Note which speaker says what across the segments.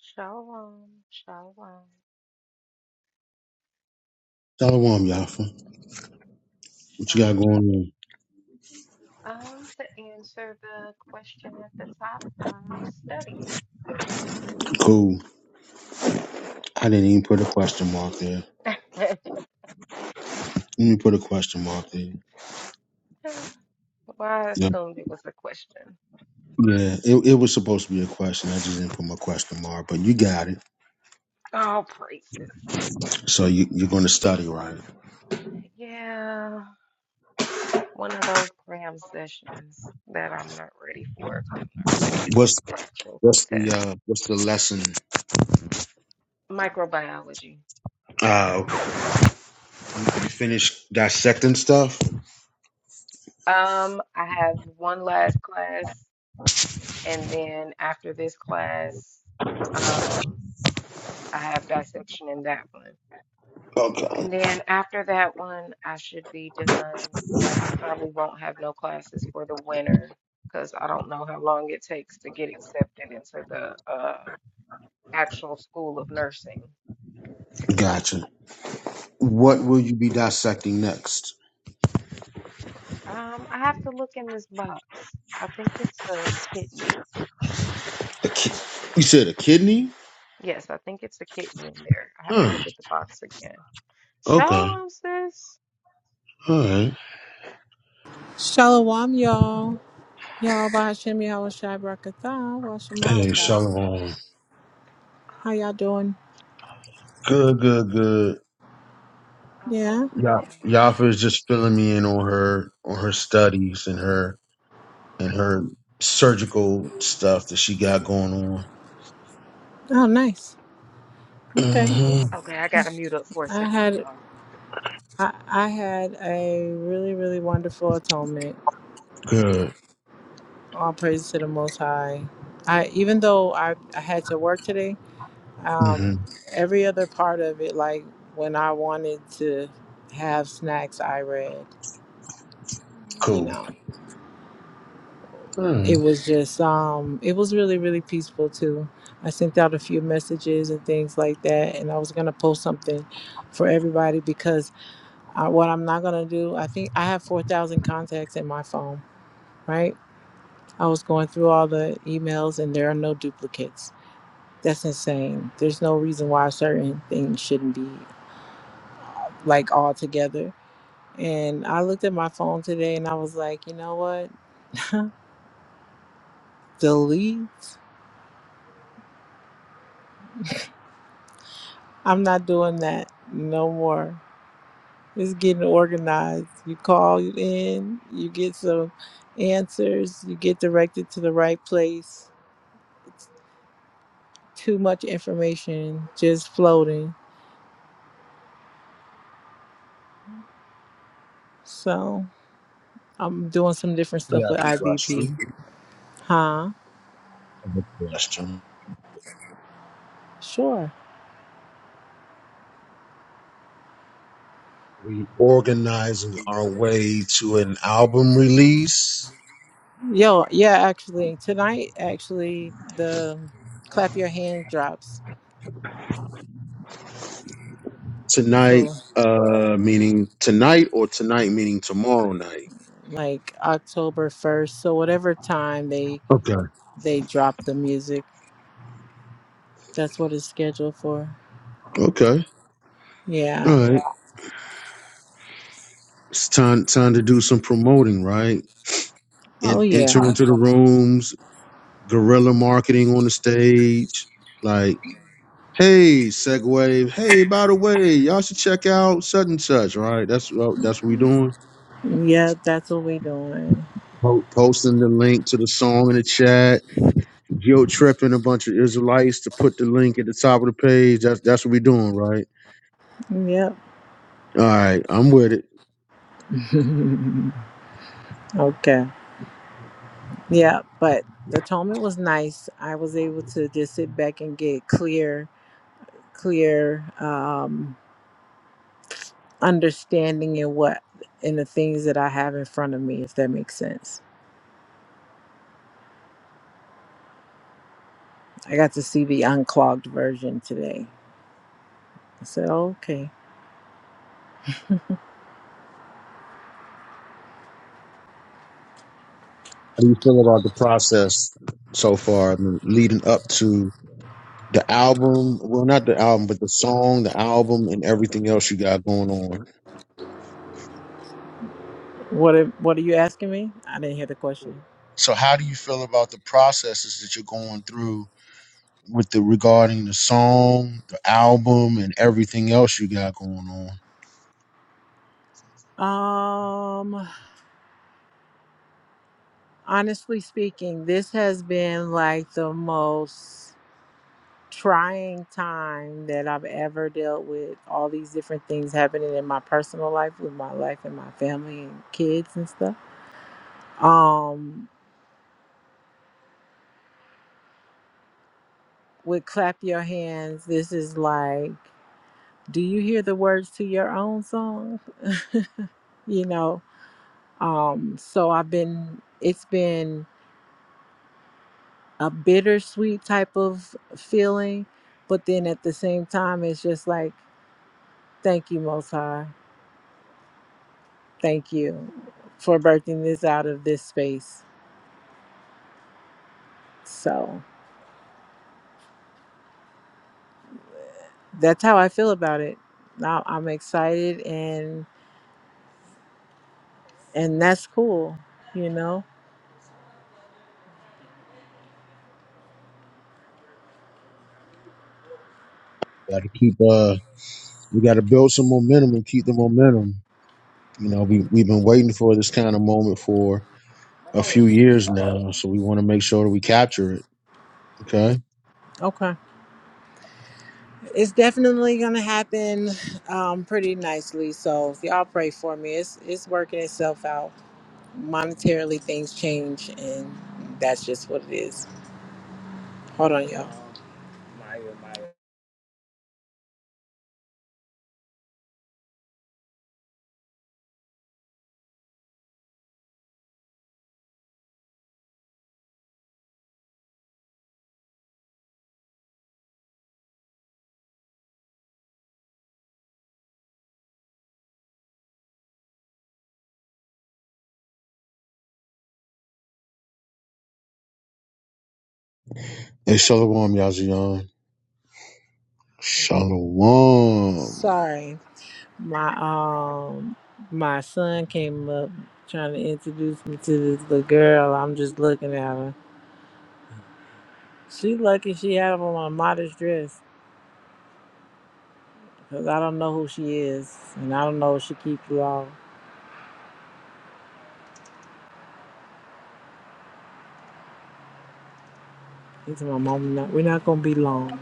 Speaker 1: Shalom, shalom,
Speaker 2: Shalom, Yafa. What you got
Speaker 1: shalom.
Speaker 2: going
Speaker 1: Um, to answer the question at the top, I'm studying.
Speaker 2: on? Cool. I didn't even put a question mark there. Let me put a question mark there.
Speaker 1: Well, I
Speaker 2: Yep.
Speaker 1: assumed it was a question.
Speaker 2: Yeah, it, it was supposed to be a question. I just didn't put my question mark, but you got it.
Speaker 1: All praises.
Speaker 2: So you, you're going to study, right?
Speaker 1: Yeah, one of those cram sessions that I'm not ready for because I'm not ready to
Speaker 2: What's
Speaker 1: take the actual
Speaker 2: what's the
Speaker 1: test.
Speaker 2: uh, what's the lesson?
Speaker 1: Microbiology.
Speaker 2: Uh, you finish dissecting stuff.
Speaker 1: Um, I have one last class, and then after this class, um. I have dissection in that one.
Speaker 2: Okay,
Speaker 1: And then after that one, I should be done. I probably won't have no classes for the winter because I don't know how long it takes to get accepted into the uh, actual school of nursing.
Speaker 2: gotcha.
Speaker 1: So
Speaker 2: What will you be dissecting next?
Speaker 1: um, I have to look in this box. I think it's a kidney.
Speaker 2: A ki- you said a kidney.
Speaker 1: Yes, I think it's a kidney in there. I have to
Speaker 2: Huh?
Speaker 1: look at the box again.
Speaker 2: Okay.
Speaker 1: Show 'em, sis.
Speaker 2: All right.
Speaker 3: Shalom, y'all. Y'all, Bahashem Yahweh Shai Barakatha,
Speaker 2: Hey,
Speaker 3: Washamarika.
Speaker 2: shalom.
Speaker 3: How y'all doing?
Speaker 2: Good, good, good.
Speaker 1: I'm
Speaker 3: Yeah.
Speaker 1: hungry
Speaker 2: Yeah,
Speaker 1: now.
Speaker 2: Yafa is just filling me in on her on her studies and her and her surgical stuff that she got going on.
Speaker 3: Oh, nice. Okay.
Speaker 2: hmm
Speaker 1: Okay, I gotta mute up for a
Speaker 3: I
Speaker 1: second,
Speaker 3: had
Speaker 1: y'all.
Speaker 3: I, I had a really really wonderful atonement.
Speaker 2: Good.
Speaker 3: All praise to the Most High. I even though I, I had to work today,
Speaker 2: hmm
Speaker 3: um, every other part of it, like when I wanted to have snacks, I read. You
Speaker 2: Cool.
Speaker 3: know.
Speaker 2: Mm.
Speaker 3: it was just um it was really really peaceful too i sent out a few messages and things like that and i was going to post something for everybody because I, what i'm not going to do i think i have 4000 contacts in my phone right i was going through all the emails and there are no duplicates that's insane there's no reason why certain things shouldn't be like all together and i looked at my phone today and i was like you know what delete i'm not doing that no more It's getting organized. You call in, you get some answers, you get directed to the right place. It's too much information just floating. So I'm doing some different
Speaker 2: I
Speaker 3: stuff
Speaker 2: got
Speaker 3: with
Speaker 2: a
Speaker 3: IBP.
Speaker 2: question.
Speaker 3: Huh?
Speaker 2: I have a question.
Speaker 3: Sure.
Speaker 2: We organizing our way to an album release
Speaker 3: Yo, yeah, actually, tonight, actually, the clap your hands drops. So
Speaker 2: tonight. Uh, meaning tonight or tonight meaning tomorrow night.
Speaker 3: like October 1st. So whatever time they
Speaker 2: Okay.
Speaker 3: they drop the music, that's what it's scheduled for.
Speaker 2: Okay.
Speaker 3: Yeah,
Speaker 2: All right. It's time time to do some promoting, right?
Speaker 3: Oh
Speaker 2: En-
Speaker 3: yeah.
Speaker 2: enter into the rooms guerrilla marketing on the stage, like, hey, Segwave, hey, by the way, y'all should check out such and such, right? That's what that's what we doing.
Speaker 3: Yep, that's what we doing.
Speaker 2: Po- Posting the link to the song in the chat, guilt tripping a bunch of Israelites to put the link at the top of the page. That's that's what we doing, right?
Speaker 3: Yep.
Speaker 2: All right, I'm with it.
Speaker 3: okay. Yeah, but the atonement was nice. I was able to just sit back and get clear clear um understanding in what in the things that I have in front of me, if that makes sense. I got to see the unclogged version today. I said, okay.
Speaker 2: How do you feel about the process so far, I mean, leading up to the album? Well, not the album, but the song, the album, and everything else you got going on.
Speaker 3: What are, what are you asking me? I didn't hear the question.
Speaker 2: So how do you feel about the processes that you're going through with the regarding the song, the album, and everything else you got going on?
Speaker 3: Um honestly speaking, this has been like the most trying time that I've ever dealt with. All these different things happening in my personal life, with my life and my family and kids and stuff. Um, with clap your hands, this is like, do you hear the words to your own song? you know, um, so I've been. It's been a bittersweet type of feeling, but then at the same time, it's just like, thank you, Most High Thank you for birthing this out of this space. So that's how I feel about it. Now I'm excited and and that's cool, you know.
Speaker 2: Got to keep uh, we got to build some momentum and keep the momentum. You know, we we've been waiting for this kind of moment for a few years now, so we want to make sure that we capture it. Okay,
Speaker 3: Okay. It's definitely gonna happen um pretty nicely. So if y'all pray for me. It's it's working itself out. Monetarily things change and that's just what it is. Hold on y'all.
Speaker 2: hey, shalom, Yazian, shalom.
Speaker 3: Sorry. my um my son came up trying to introduce me to this little girl. I'm just looking at her. She lucky she had on a modest dress because I don't know who she is and I don't know if she keeps law. It's my mom. Not, we're not gonna be long.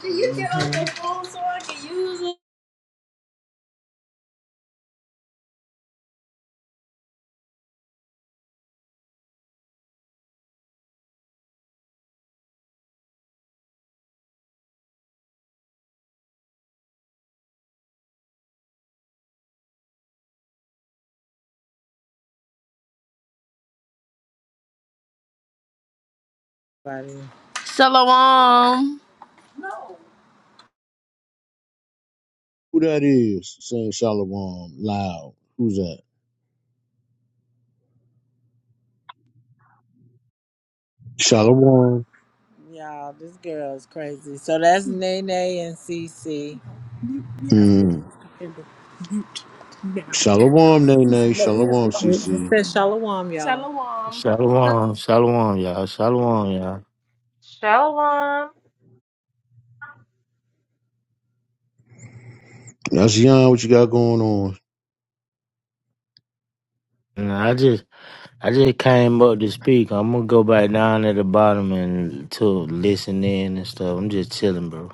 Speaker 3: Do you get on your phone so I can use it? Buddy, Shalom.
Speaker 2: Who that is saying shalom loud? Who's that? Shalom.
Speaker 3: Y'all, this girl is crazy. So that's Nene and Cece.
Speaker 2: Mm. Shalom, Nay Nay.
Speaker 3: Oh, We
Speaker 2: Shalom,
Speaker 3: CC.
Speaker 2: CC.
Speaker 3: It says Shalom, y'all. Shalom.
Speaker 4: Shalom, shalom, y'all, shalom, y'all.
Speaker 1: Shalom.
Speaker 2: That's Yon. What you got going on?
Speaker 4: And I just, I just came up to speak. I'm gonna go back down at the bottom and to listen in and stuff. I'm just chilling, bro.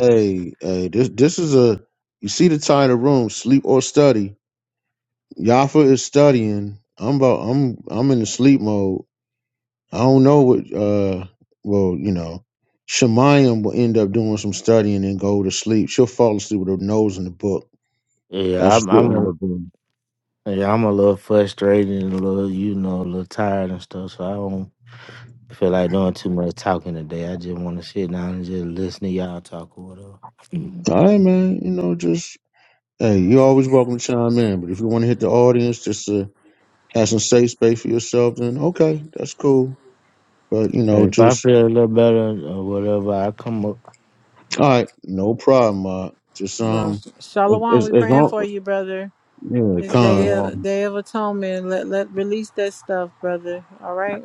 Speaker 2: Hey, hey. This this is a. You see the title room, sleep or study. Yafa is studying. I'm about. I'm I'm in the sleep mode. I don't know what. Uh, well, you know, Shemayim will end up doing some studying and go to sleep. She'll fall asleep with her nose in the book.
Speaker 4: Yeah,
Speaker 2: That's
Speaker 4: I'm,
Speaker 2: what she'll
Speaker 4: I'm,
Speaker 2: end
Speaker 4: a,
Speaker 2: up doing.
Speaker 4: yeah, I'm a little frustrated and a little, you know, a little tired and stuff. So I don't feel like doing too much talking today. I just want to sit down and just listen to y'all talk or whatever. Mhm.
Speaker 2: All right, man. You know, just hey. You're always welcome to chime in, but if you want to hit the audience, just uh, Have some safe space for yourself, then okay, that's cool. But you know,
Speaker 4: If I
Speaker 2: just
Speaker 4: feel a little better or whatever, I come up.
Speaker 2: all right, no problem. Uh, just
Speaker 3: Well,
Speaker 2: um, it-
Speaker 3: Shalom,
Speaker 2: it's
Speaker 3: we
Speaker 2: it's
Speaker 3: praying for
Speaker 2: all
Speaker 3: you, brother.
Speaker 2: yeah,
Speaker 3: His day
Speaker 2: con.
Speaker 3: of
Speaker 4: Shalom,
Speaker 3: day of atonement. Let let release that stuff, brother. All right,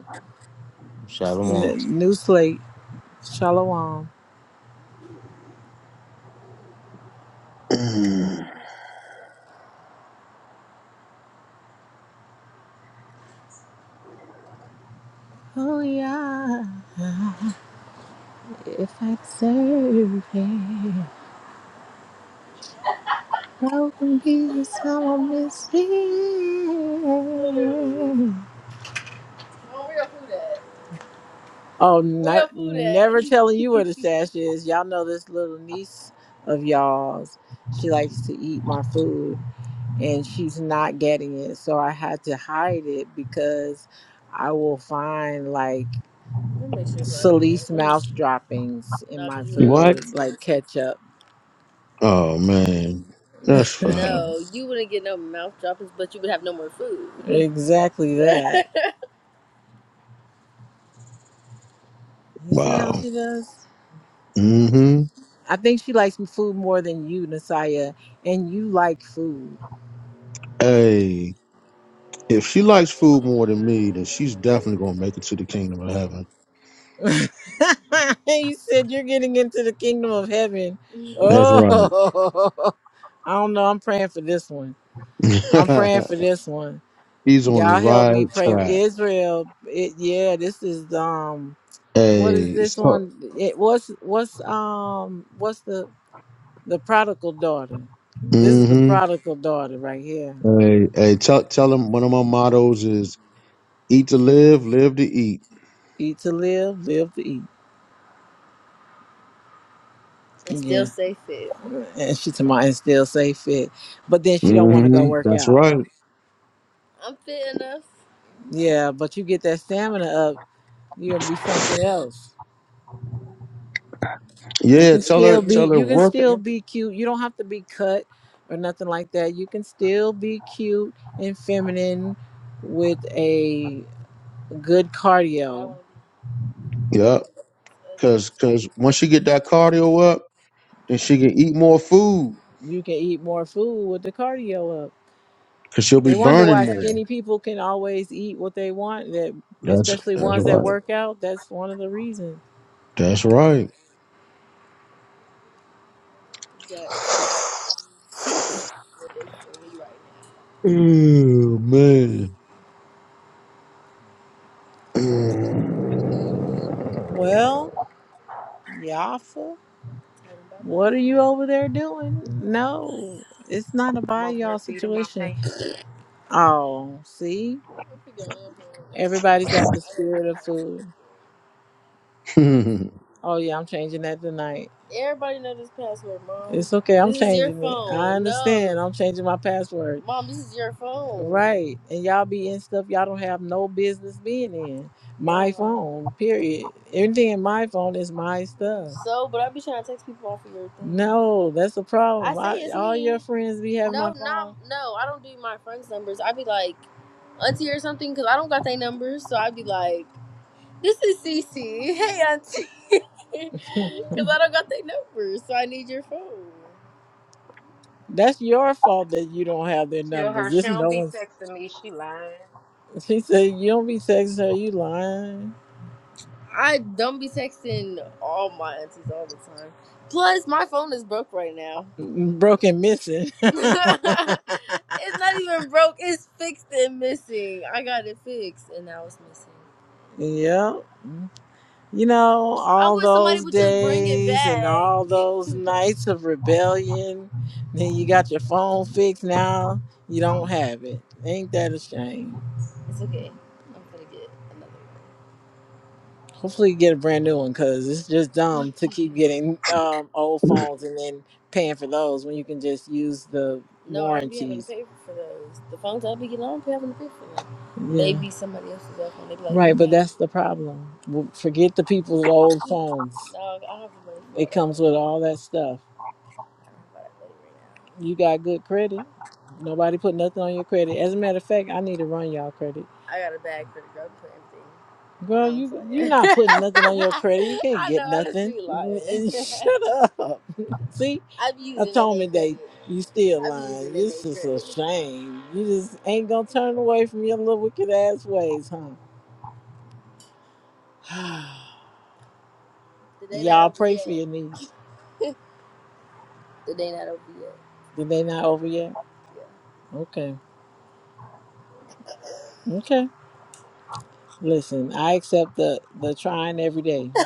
Speaker 4: shalom.
Speaker 3: N- new slate. Shalom. Oh yeah, if I serve him, how can be the someone missing? Oh, not, never telling you where the stash is. Y'all know this little niece of y'all's. She likes to eat my food. and she's not getting it. So I had to hide it because I will find like What makes you laugh? Solis Let mouth droppings in No, my you never
Speaker 2: what?
Speaker 3: get. food, like ketchup.
Speaker 2: Oh man, that's fine.
Speaker 3: No, you wouldn't get no mouth droppings, but you would have no more food. exactly that. You see how no.
Speaker 2: Wow.
Speaker 3: she does?
Speaker 2: Mm-hmm.
Speaker 3: I think she likes food more than you, Nasaya, and you like food.
Speaker 2: Hey, if she likes food more than me, then she's definitely gonna make it to the kingdom of heaven.
Speaker 3: you said you're getting into the kingdom of heaven.
Speaker 2: That's
Speaker 3: Oh,
Speaker 2: right.
Speaker 3: I don't know. I'm praying for this one. I'm praying for this one.
Speaker 2: He's on the
Speaker 3: Y'all help me
Speaker 2: right
Speaker 3: pray for
Speaker 2: track.
Speaker 3: Israel. It, yeah, this is um, what
Speaker 2: Hey,
Speaker 3: is this
Speaker 2: it's tough.
Speaker 3: one? It what's what's um what's the the prodigal daughter? This is the
Speaker 2: Mm-hmm.
Speaker 3: prodigal daughter right here.
Speaker 2: Hey, hey, tell tell him one of my mottos is Eat to live, live to eat.
Speaker 3: Eat to live, live to eat. And still Yeah, stay fit. and she tomorrow and still stay fit, but then she don't want to go
Speaker 2: hmm
Speaker 3: work
Speaker 2: That's
Speaker 3: out.
Speaker 2: right.
Speaker 3: I'm fit enough. Yeah, but you get that stamina up, you gonna be something else. You
Speaker 2: Yeah,
Speaker 3: can
Speaker 2: tell her,
Speaker 3: still be
Speaker 2: tell her
Speaker 3: you can
Speaker 2: work.
Speaker 3: still be cute. You don't have to be cut or nothing like that. You can still be cute and feminine with a good cardio.
Speaker 2: Yeah, cause cause once she get that cardio up, then she can eat more food,
Speaker 3: You can eat more food with the cardio up.
Speaker 2: cause she'll be
Speaker 3: They wonder
Speaker 2: burning
Speaker 3: why
Speaker 2: more.
Speaker 3: skinny people can always eat what they want, that
Speaker 2: That's
Speaker 3: especially
Speaker 2: that's
Speaker 3: ones that
Speaker 2: right.
Speaker 3: work out. That's one of the reasons.
Speaker 2: That's right. Oh man. Am
Speaker 3: Well, Yafa. What are you over there doing? No, it's not a
Speaker 1: I'm
Speaker 3: buy
Speaker 1: over
Speaker 3: y'all
Speaker 1: here feeding my
Speaker 3: situation.
Speaker 1: face.
Speaker 3: Oh, see? Everybody's got the spirit of food. Oh yeah, I'm changing that tonight. Everybody know this password, mom. It's okay. I'm This is your changing it. I phone. No, understand. No. I'm changing my password. mom, this is your phone. Right. And y'all be in stuff y'all don't have no business being in. My Mom. phone, period. Everything in my phone is my stuff. So, but I be trying to text people off of your thing. No, that's the I problem. I say I, it's all me. your friends be having my No, not phone. no. no, I don't do my friends' numbers. I be like auntie or something because I don't got their numbers. So I be like. This is Cece. Hey, Auntie. Because I don't got their numbers, so I need your phone. That's your fault that you don't have their
Speaker 1: Tell
Speaker 3: numbers.
Speaker 1: her she
Speaker 3: This is
Speaker 1: don't
Speaker 3: no
Speaker 1: be
Speaker 3: one's.
Speaker 1: texting me. She lying.
Speaker 3: She said, You don't be texting her, you lying. I don't be texting all my aunties all the time. Plus, my phone is broke right now. Broken missing. it's not even broke. It's fixed and missing. I got it fixed, and now it's missing. yeah. You know, all those days and all those nights of rebellion. Then you got your phone fixed now. You don't have it. Ain't that a shame? It's okay. I'm gonna get another one. Hopefully, you get a brand new one because it's just dumb to keep getting um, old phones and then paying for those when you can just use the No, I'll be having to warranties. pay for those. The phones i be getting, I don't be having to pay for them. They Yeah. be somebody else's old phone. They be like, Right, you but got that's the problem. W- Forget the people's old phones. no, I have the money It for it. comes with all that stuff. You got good credit. Nobody put nothing on your credit. As a matter of fact, I need to run y'all credit. I got a bag for the girl put everything. Girl, No, I'm you you're not putting nothing on your playing. credit. You can't I get know other nothing. two lying. Shut up. See, I'm using it, atonement day, you still I'm using lying. it, It's just a shame. You just ain't gonna turn away from your little wicked ass ways, huh? The day not y'all over pray for yet. your niece. The day not over yet. Did they not over yet? Yeah. Okay. Okay. Listen, I accept the the trying every day.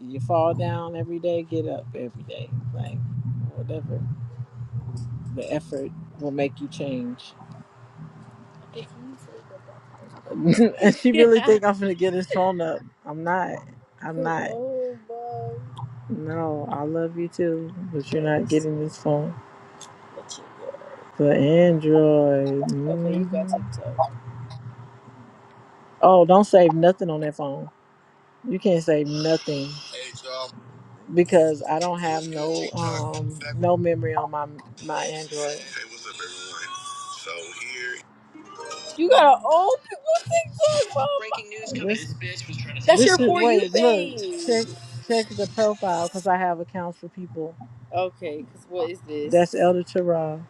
Speaker 3: You fall down every day, get up every day. Like whatever, the effort will make you change. and she really think I'm gonna get his phone up. I'm not. I'm not. No, I love you too, but you're not getting this phone. The Android. mhm. Oh, don't save nothing on that phone. You can't save nothing. because I don't have no um no memory on my my Android. Hey, So you got an old people TikTok. This, That's this your is, for you wait, thing. Look, check check the profile because I have accounts for people. Okay, because what is this? That's Elder Tara.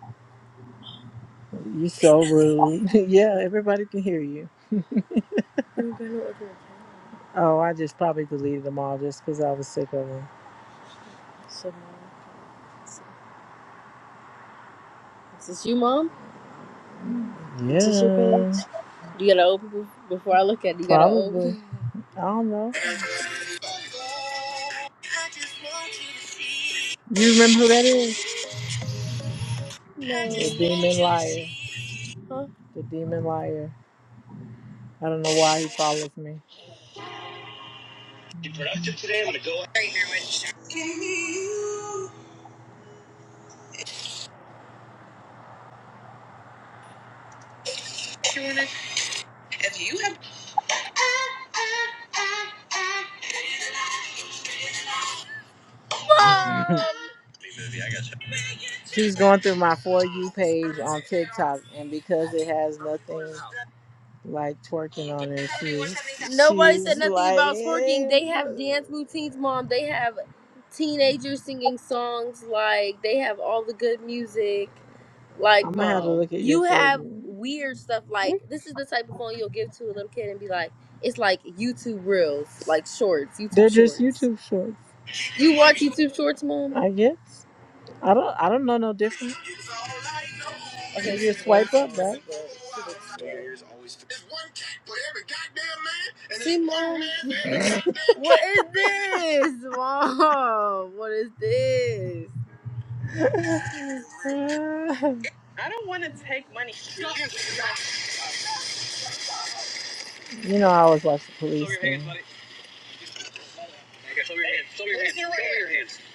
Speaker 3: You so rude. yeah, everybody can hear you. I don't got no other account. Oh, I just probably deleted them all just because I was sick of them. So, is this you, mom? Yeah. Is this your page? Do you got old people before I look at it? You got old Probably. I don't know. You remember who that is? No, The No. demon liar. Huh? The demon liar. I don't know why he follows me. You productive today? I'm gonna go. She's going through my for you page on TikTok, and because it has nothing. like twerking on it. She's Nobody said she's nothing like, about twerking. They have "Eh." dance routines, mom. They have teenagers singing songs. Like they have all the good music. Like I'm gonna have to mom, look at your you have segment. weird stuff. Like this is the type of phone you'll give to a little kid and be like, it's like YouTube reels, like shorts, YouTube They're just shorts. YouTube shorts, You watch YouTube shorts, mom? I guess. I don't I don't know no different. Okay, you swipe up, right? Simone, What is this? Mom, what is this? you know I always watch the police. thing.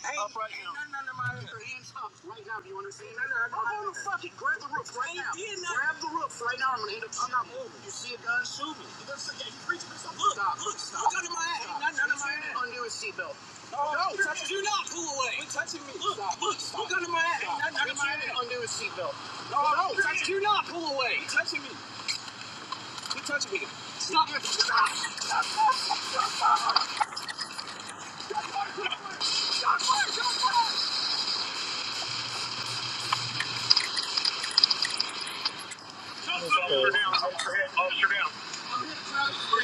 Speaker 3: Hey, up right ain't now. nothing out of your hands up right now. Do you understand that? I'm gonna fucking grab the roof right now. Grab the roof right now. I'm gonna end up. I'm not moving. You see a gun? Shoot me. You gonna say, yeah, you preaching this? Look, stop. Look, stop. Look under my ass. Ain't nothing under my ass. Undo his seatbelt. No, no, touch do not pull away. You're touching me. Look, stop. look, stop. look under my ass. Ain't nothing under my ass. Undo his seatbelt. No, no, touch do not pull away. You're touching me. You're touching me. Stop. Stop. Stop. Stop. Stop. Stop. Stop. Stop. Stop. Stop. Stop. Stop. Officer down, officer down.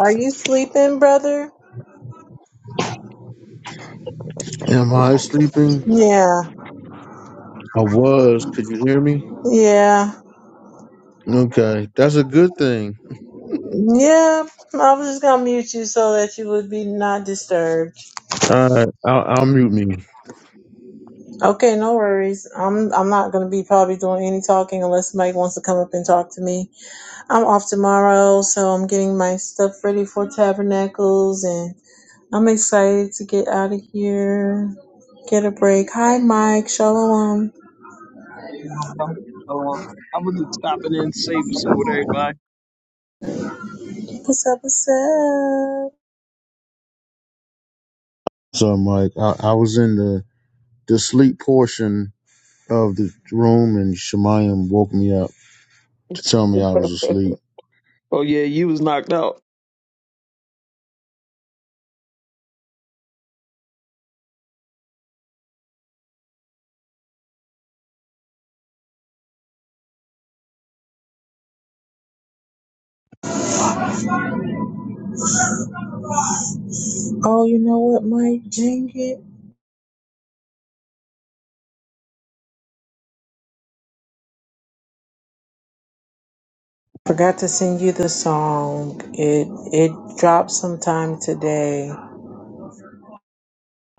Speaker 5: Are you sleeping, brother?
Speaker 2: I sleeping?
Speaker 5: Yeah,
Speaker 2: I was. Could you hear me?
Speaker 5: yeah,
Speaker 2: Okay, that's a good thing.
Speaker 5: yeah. I was just gonna mute you so that you would be not disturbed.
Speaker 2: All right, I'll, I'll mute me.
Speaker 5: Okay, no worries. I'm I'm not gonna be probably doing any talking unless Mike wants to come up and talk to me. I'm off tomorrow, so I'm getting my stuff ready for Tabernacles, and I'm excited to get out of here, get a break. Hi, Mike. Shalom. What's up? What's up?
Speaker 2: So, Mike, I, I was in the the sleep portion of the room, and Shemayim woke me up to tell me I was asleep.
Speaker 5: Oh, you know what, Mike? Dang it. Forgot to send you the song. It it dropped sometime today.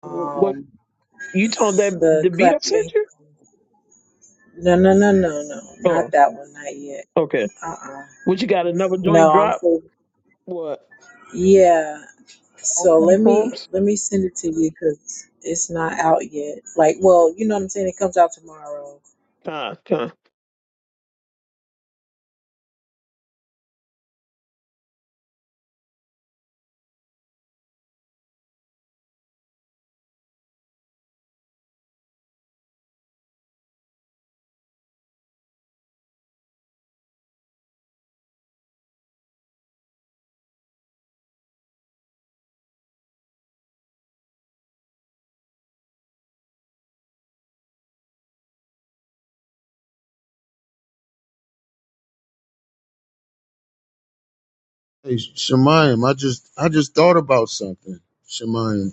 Speaker 5: Um, the clap your hand- no no no no no not that one not yet. Uh uh No, I'm so yeah. So let me let me send it to you because it's not out yet. Like, well, you know what I'm saying. It comes out tomorrow.
Speaker 2: Hey, Shemayim, I just I just thought about something. Shemayim,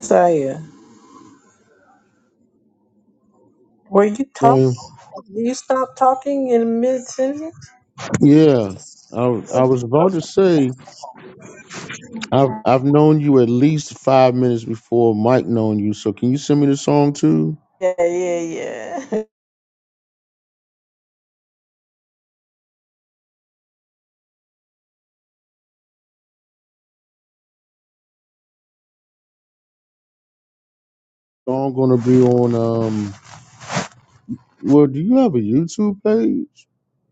Speaker 5: So yeah, were you talking?
Speaker 2: Shemayim,
Speaker 5: You stopped talking in mid sentence?
Speaker 2: yeah. I, I was about to say I've I've known you at least five minutes before Mike known you. So can you send me the song too?
Speaker 5: Yeah yeah yeah.
Speaker 2: Song gonna be on um. Well, do you have a YouTube page?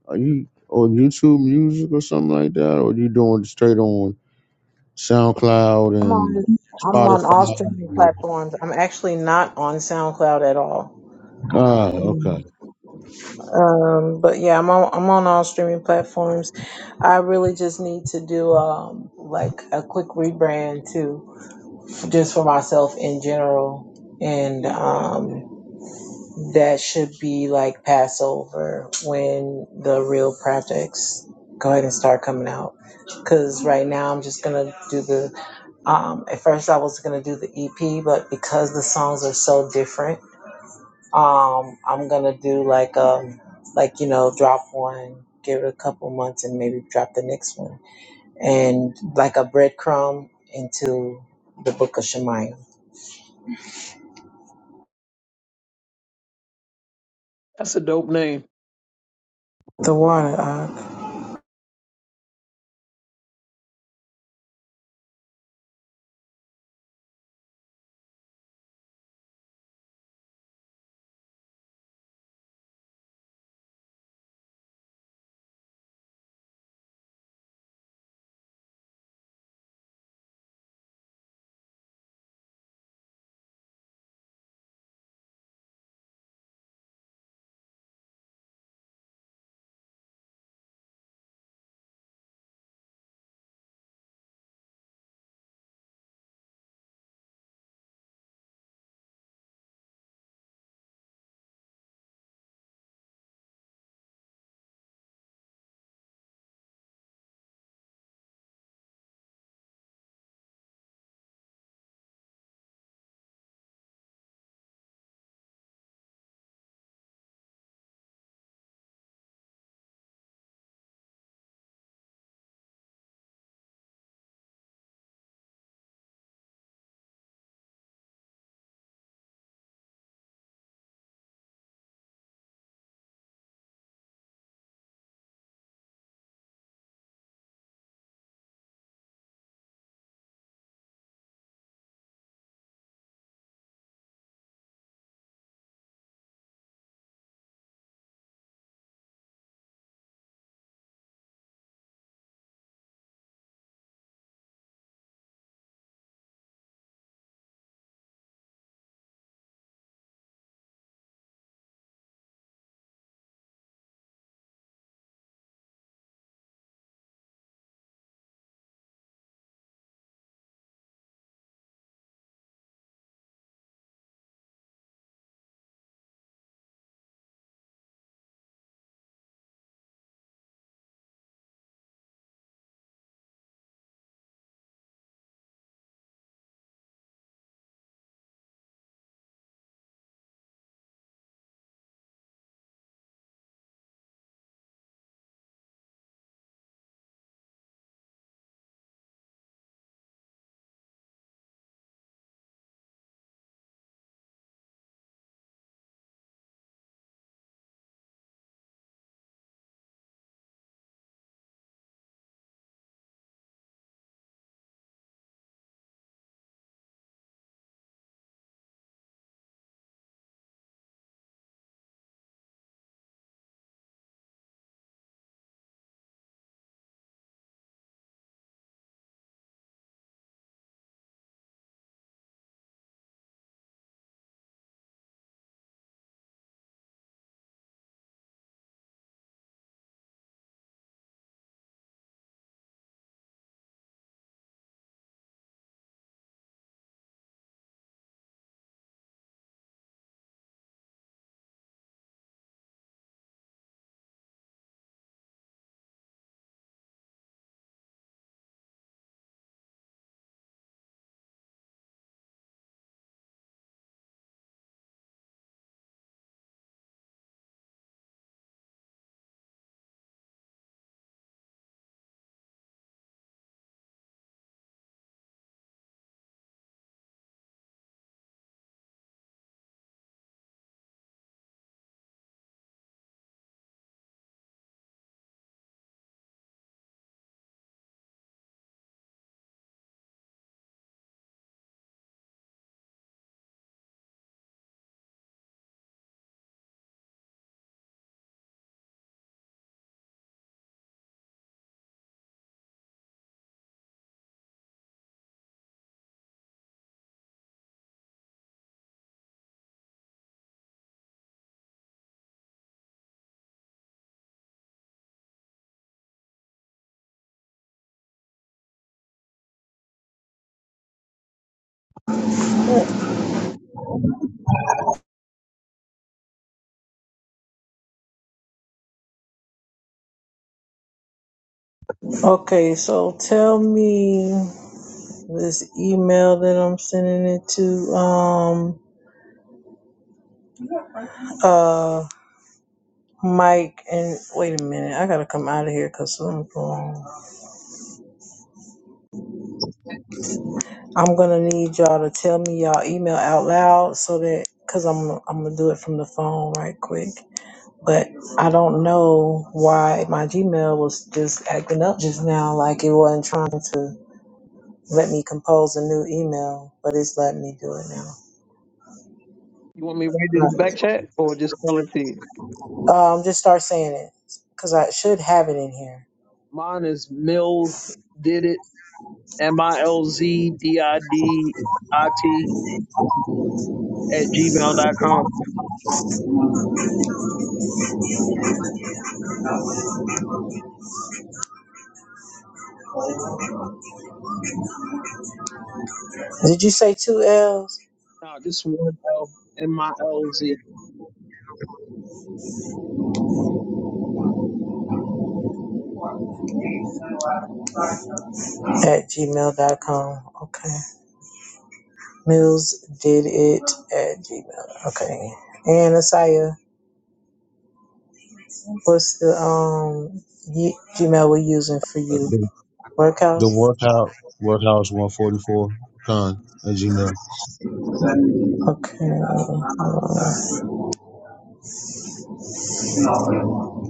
Speaker 2: Are you on YouTube Music or something like that, or you doing it straight on SoundCloud
Speaker 5: I'm on
Speaker 2: and
Speaker 5: I'm on all streaming
Speaker 2: Spotify?
Speaker 5: platforms. I'm actually not on SoundCloud at all.
Speaker 2: Oh, okay.
Speaker 5: Um, but yeah, I'm on I'm on all streaming platforms. I really just need to do um like a quick rebrand too, f- just for myself in general, and um that should be like Passover when the real projects go ahead and start coming out. Cause right now I'm just gonna do the Um, at first, I was gonna do the EP, but because the songs are so different, um, I'm gonna do like um, like you know, drop one, give it a couple months, and maybe drop the next one, and like a breadcrumb into the Book of Shemaiah. The water. Uh, okay, so tell me this email that I'm sending it to. Um, uh, Mike and wait a minute, I gotta come out of here because something's wrong. I'm gonna need y'all to tell me y'all email out loud so that because I'm I'm gonna do it from the phone right quick. But I don't know why my Gmail was just acting up just now, like it wasn't trying to let me compose a new email, but it's letting me do it now. Right. Um, just start saying it because I should have it in here. Did you say two L's at Gmail dot com? Okay. Mills did it at gmail. Okay. And Asaya. What's the um ye- Gmail we're using for you?
Speaker 2: The, the
Speaker 5: Workhouse.
Speaker 2: workout workouts one forty four con at Gmail
Speaker 5: Okay. uh,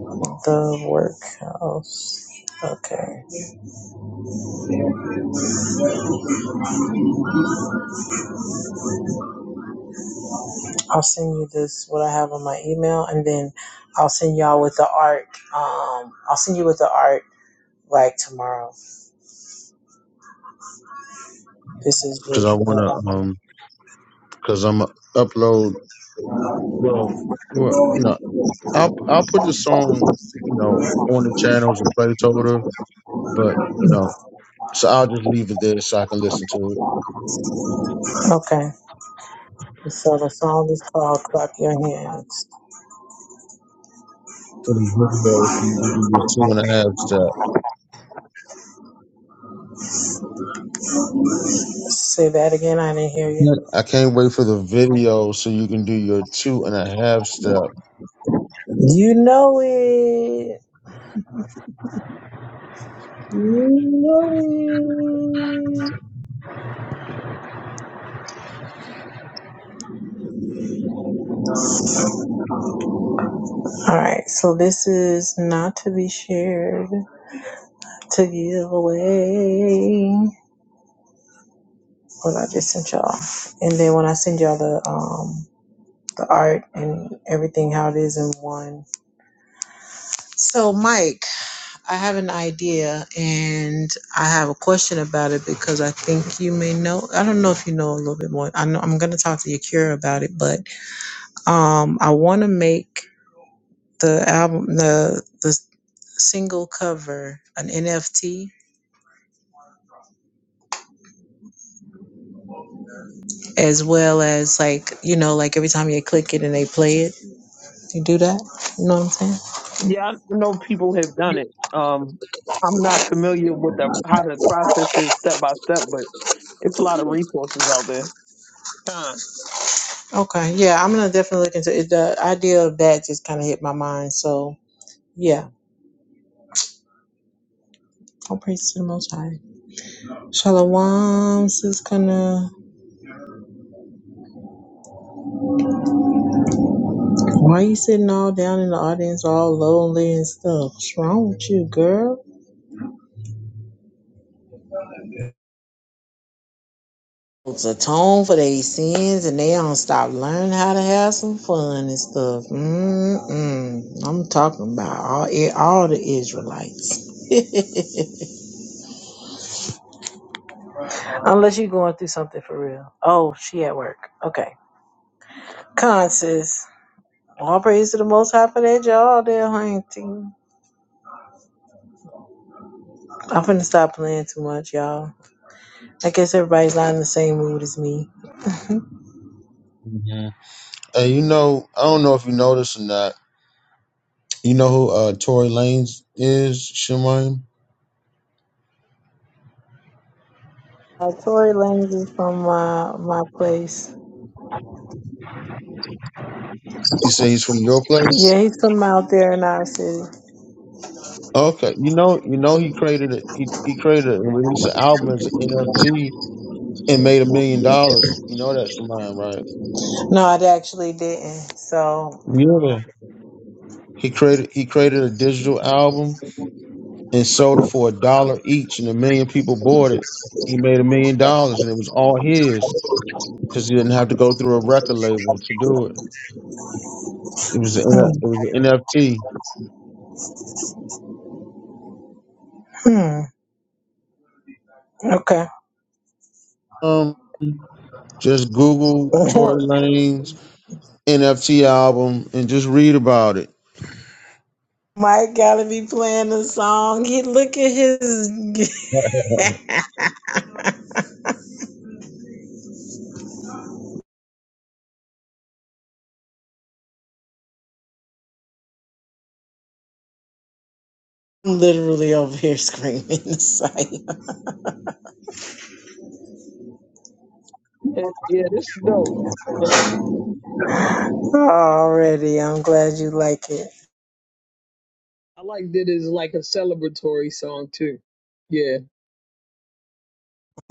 Speaker 5: the workhouse. Okay. I'll send you this what I have on my email, and then I'll send y'all with the art. Um, I'll send you with the art like tomorrow. This is
Speaker 2: because I
Speaker 5: just the
Speaker 2: wanna
Speaker 5: um,
Speaker 2: um because I'm gonna upload well well you know I'll I'll put the song you know on the channel as a placeholder but you know so I'll just leave it there so I can listen to it
Speaker 5: okay. So the song is called "Clap Your Hands."
Speaker 2: for the video so you can do your two and a half step.
Speaker 5: Say that again. I didn't hear you.
Speaker 2: Yeah. I can't wait for the video so you can do your two and a half step.
Speaker 5: You know it. You know All right, so this is not to be shared to give away what I just sent y'all, and then when I send y'all the um the art and everything how it is in one. So Mike, I have an idea and I have a question about it because I think you may know. I don't know if you know a little bit more. I know I'm gonna talk to Yakira about it, but um I want to make the album the the single cover an NFT as well as like you know like every time you click it and they play it you do that you know what i'm saying okay yeah i'm gonna definitely look into it the idea of that just kind of hit my mind so yeah I'll praise to the Most High. Shalom, sis. Gonna why you sitting all down in the audience, all lonely and stuff? What's wrong with you, girl? atone for their sins and they don't stop learning how to have some fun and stuff. Mm-mm. I'm talking about all all the Israelites. Unless you're going through something for real. Oh, she at work. Okay. Conscious. All praise to the Most High for that, y'all. There, honey. I'm finna stop playing too much, y'all. I guess everybody's not in the same mood as me.
Speaker 2: hmm And you know I don't know if you noticed or not You know who uh Tory Lanez is, Shemaim?
Speaker 5: Uh, Tory Lanez is from my my place.
Speaker 2: You say he's from your place?
Speaker 5: Yeah, he's from out there in our city.
Speaker 2: Okay. You know you know he created a, he, he created and released an album as an NFT and made a million dollars. You know that Shemaim, right?
Speaker 5: No, it actually didn't. So,
Speaker 2: Yeah. He created he created a digital album and sold it for a dollar each and a million people bought it. He made a million dollars and it was all his because he didn't have to go through a record label to do it. It was an,
Speaker 5: hmm,
Speaker 2: it was an NFT.
Speaker 5: hmm, okay.
Speaker 2: Um just Google Tory Lanez NFT album and just read about it.
Speaker 5: Mike gotta be playing the song. He look at his. I'm literally over here screaming. Sorry. Already, I'm glad you like it.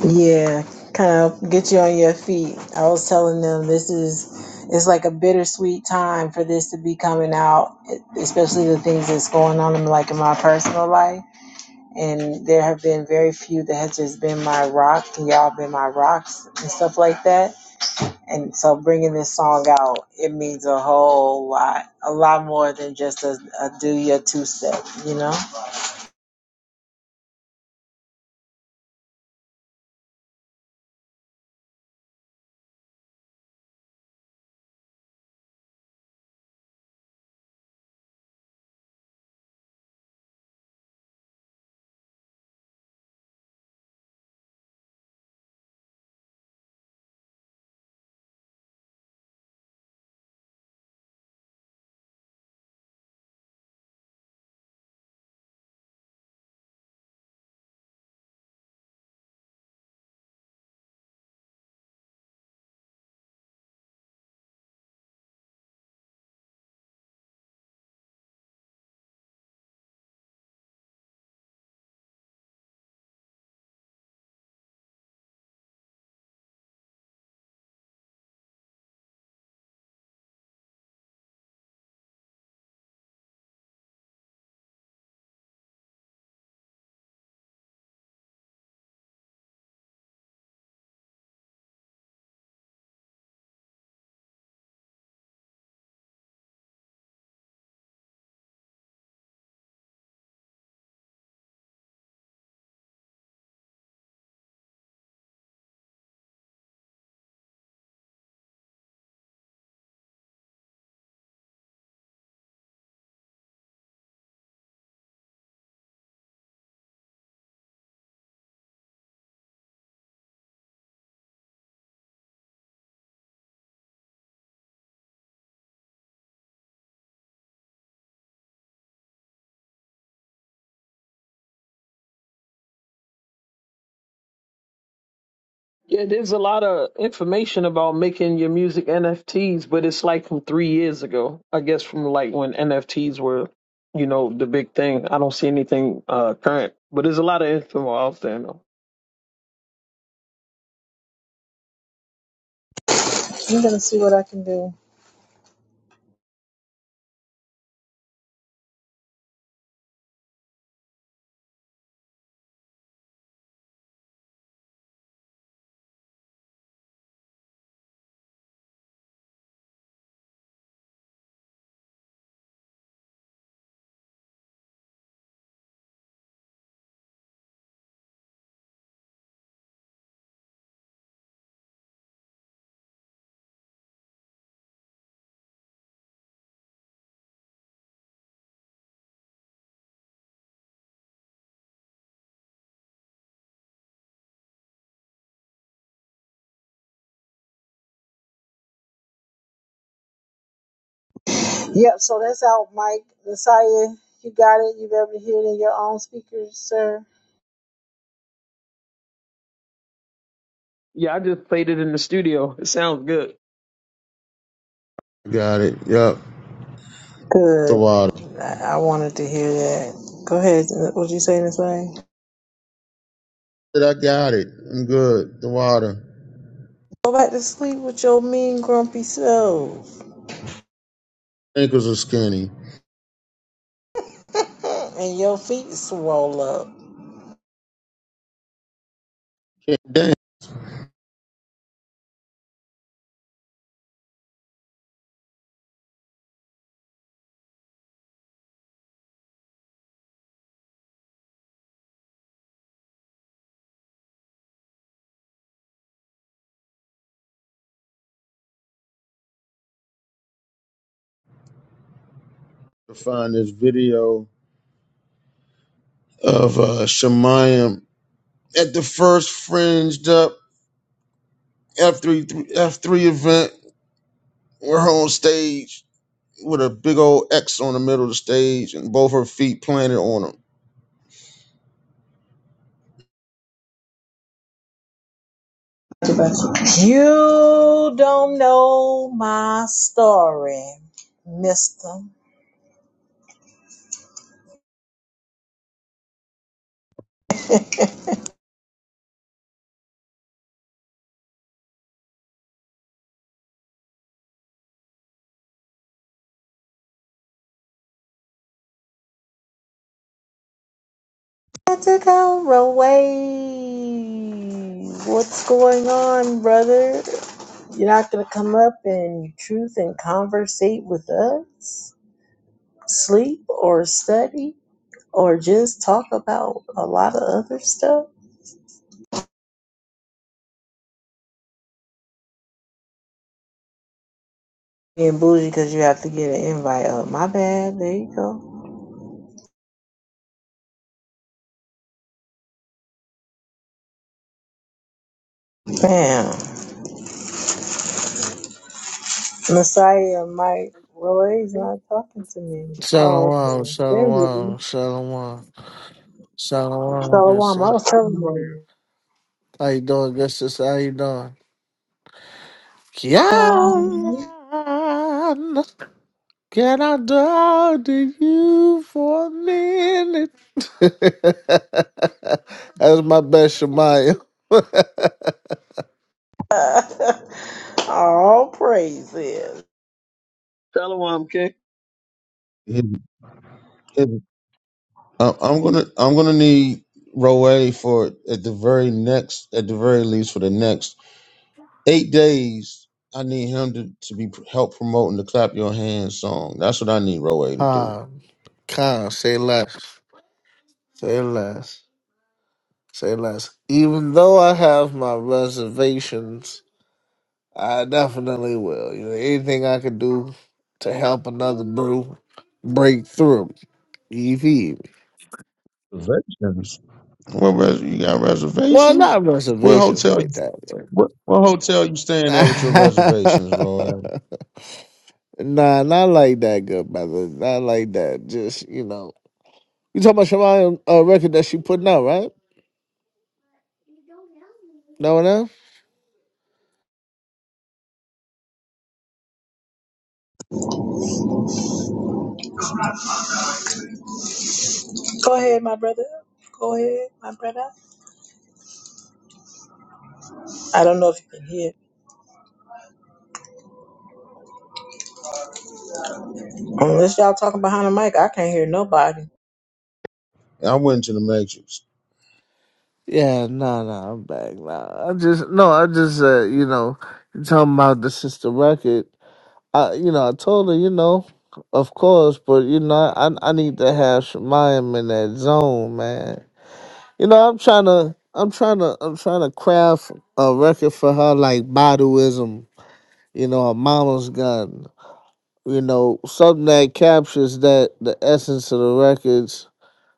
Speaker 5: Yeah, kind of get you on your feet. I was telling them this is. It's like a bittersweet time for this to be coming out, especially the things that's going on in like in my personal life and there have been very few that has just been my rock and y'all been my rocks and stuff like that and so bringing this song out it means a whole lot a lot more than just a, a do your two step you know i'm gonna see what i can do yep so that's out mike messiah you got it you've able to hear it in your own speakers sir
Speaker 2: Got it. Yep. The
Speaker 5: good
Speaker 2: water.
Speaker 5: i, I wanted to hear that go ahead what would you say this way
Speaker 2: I got it? I'm good. The water.
Speaker 5: go back to sleep with your mean grumpy self
Speaker 2: Ankles are skinny.
Speaker 5: Mm, and your feet swell up.
Speaker 2: Can't damn to find this video of uh Shemayam at the first fringed up F3 F3 event. We're on stage with a big old X on the middle of the stage and both her feet planted on
Speaker 5: You don't know my story, mister. I Had to go away. What's going on, brother? You're not gonna come up and truth and conversate with us? Sleep or study? Or just talk about a lot of other stuff? Being bougie because you have to get an invite up. My bad. There you go. Bam. Messiah Mike Roy is not talking to me. Oh,
Speaker 6: Shalom,
Speaker 5: okay. There
Speaker 6: shalom,
Speaker 5: you
Speaker 6: shalom,
Speaker 5: go.
Speaker 6: shalom, good
Speaker 5: Shalom. I
Speaker 6: sister.
Speaker 5: was telling you.
Speaker 6: How you doing, good sister? How you doing? Kian,
Speaker 5: Shalom.
Speaker 6: can I talk to you for a minute? That's my best Shemaya.
Speaker 5: All praises.
Speaker 2: them. I- I'm gonna I'm gonna need Roe for at the very next at the very least for the next eight days. I need him to, to be help promoting the clap your hands song. That's what I need Roe to do.
Speaker 6: Khan, Khan, say less, say less, say less. Even though I have my reservations, I definitely will. You know, anything I could do to help another brew break through. You feel me?
Speaker 2: Reservations. What res- you got
Speaker 6: Well,
Speaker 2: reservations?
Speaker 6: not
Speaker 2: What
Speaker 6: reservations
Speaker 2: hotel?
Speaker 6: like that. but-
Speaker 2: What, what hotel you staying at with your reservations, Roy?
Speaker 6: nah, not like that, good brother. Not like that. Just you know, you talking about Shemaya uh, record that she putting out, right? No one else.
Speaker 5: Go ahead, my brother. Go ahead, my brother. I don't know if you can hear. Unless y'all talking behind the mic, I can't hear nobody.
Speaker 2: I went to the Matrix.
Speaker 6: Yeah, no, no, I'm back. Nah, I just no, I just uh, you know, you talking about the sister record. I, you know, I told her, you know, of course, but you know, I I need to have Shemayim in that zone, man. You know, I'm trying to, I'm trying to, I'm trying to craft a record for her like Baduism, you know, a mama's gun, you know, something that captures that the essence of the records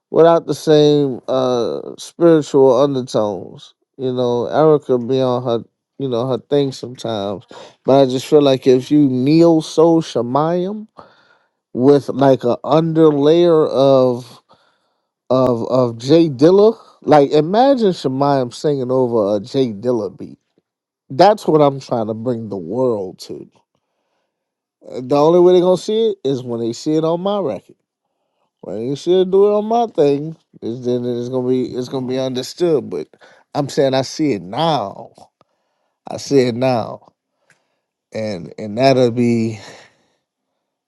Speaker 6: without the same uh spiritual undertones. You know, Erica be on her, you know, her thing sometimes, but I just feel like if you kneel so Shemayim with like a underlayer of of of Jay Dilla. Like imagine Shemayam singing over a Jay Dilla beat. That's what I'm trying to bring the world to. Uh, The only way they're gonna see it is when they see it on my record. When they see it do it on my thing, is then it's gonna be it's gonna be understood. But I'm saying I see it now. I see it now. And and that'll be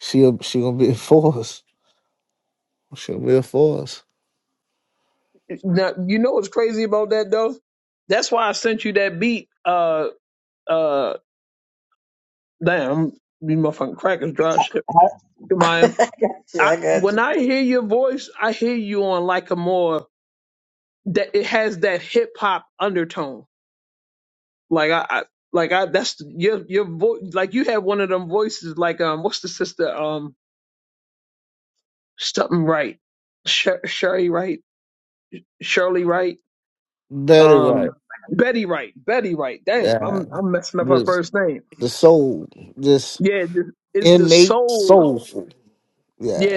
Speaker 6: she'll she gonna be a force. She'll be a force.
Speaker 5: I, I got you. I got you.
Speaker 6: Betty right. Yeah. just. the soul, this innate soulful. Yeah,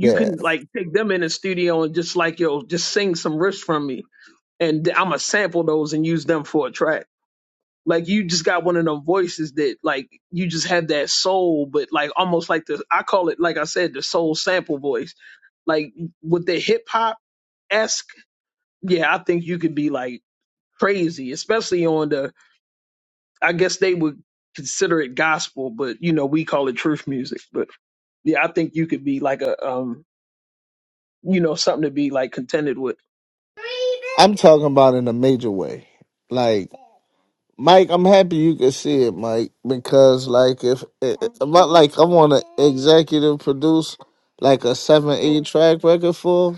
Speaker 6: yeah. I'm talking about in a major way. Like Mike, I'm happy you could see it, Mike, because like if about like I want to executive produce like a seven eight track record for,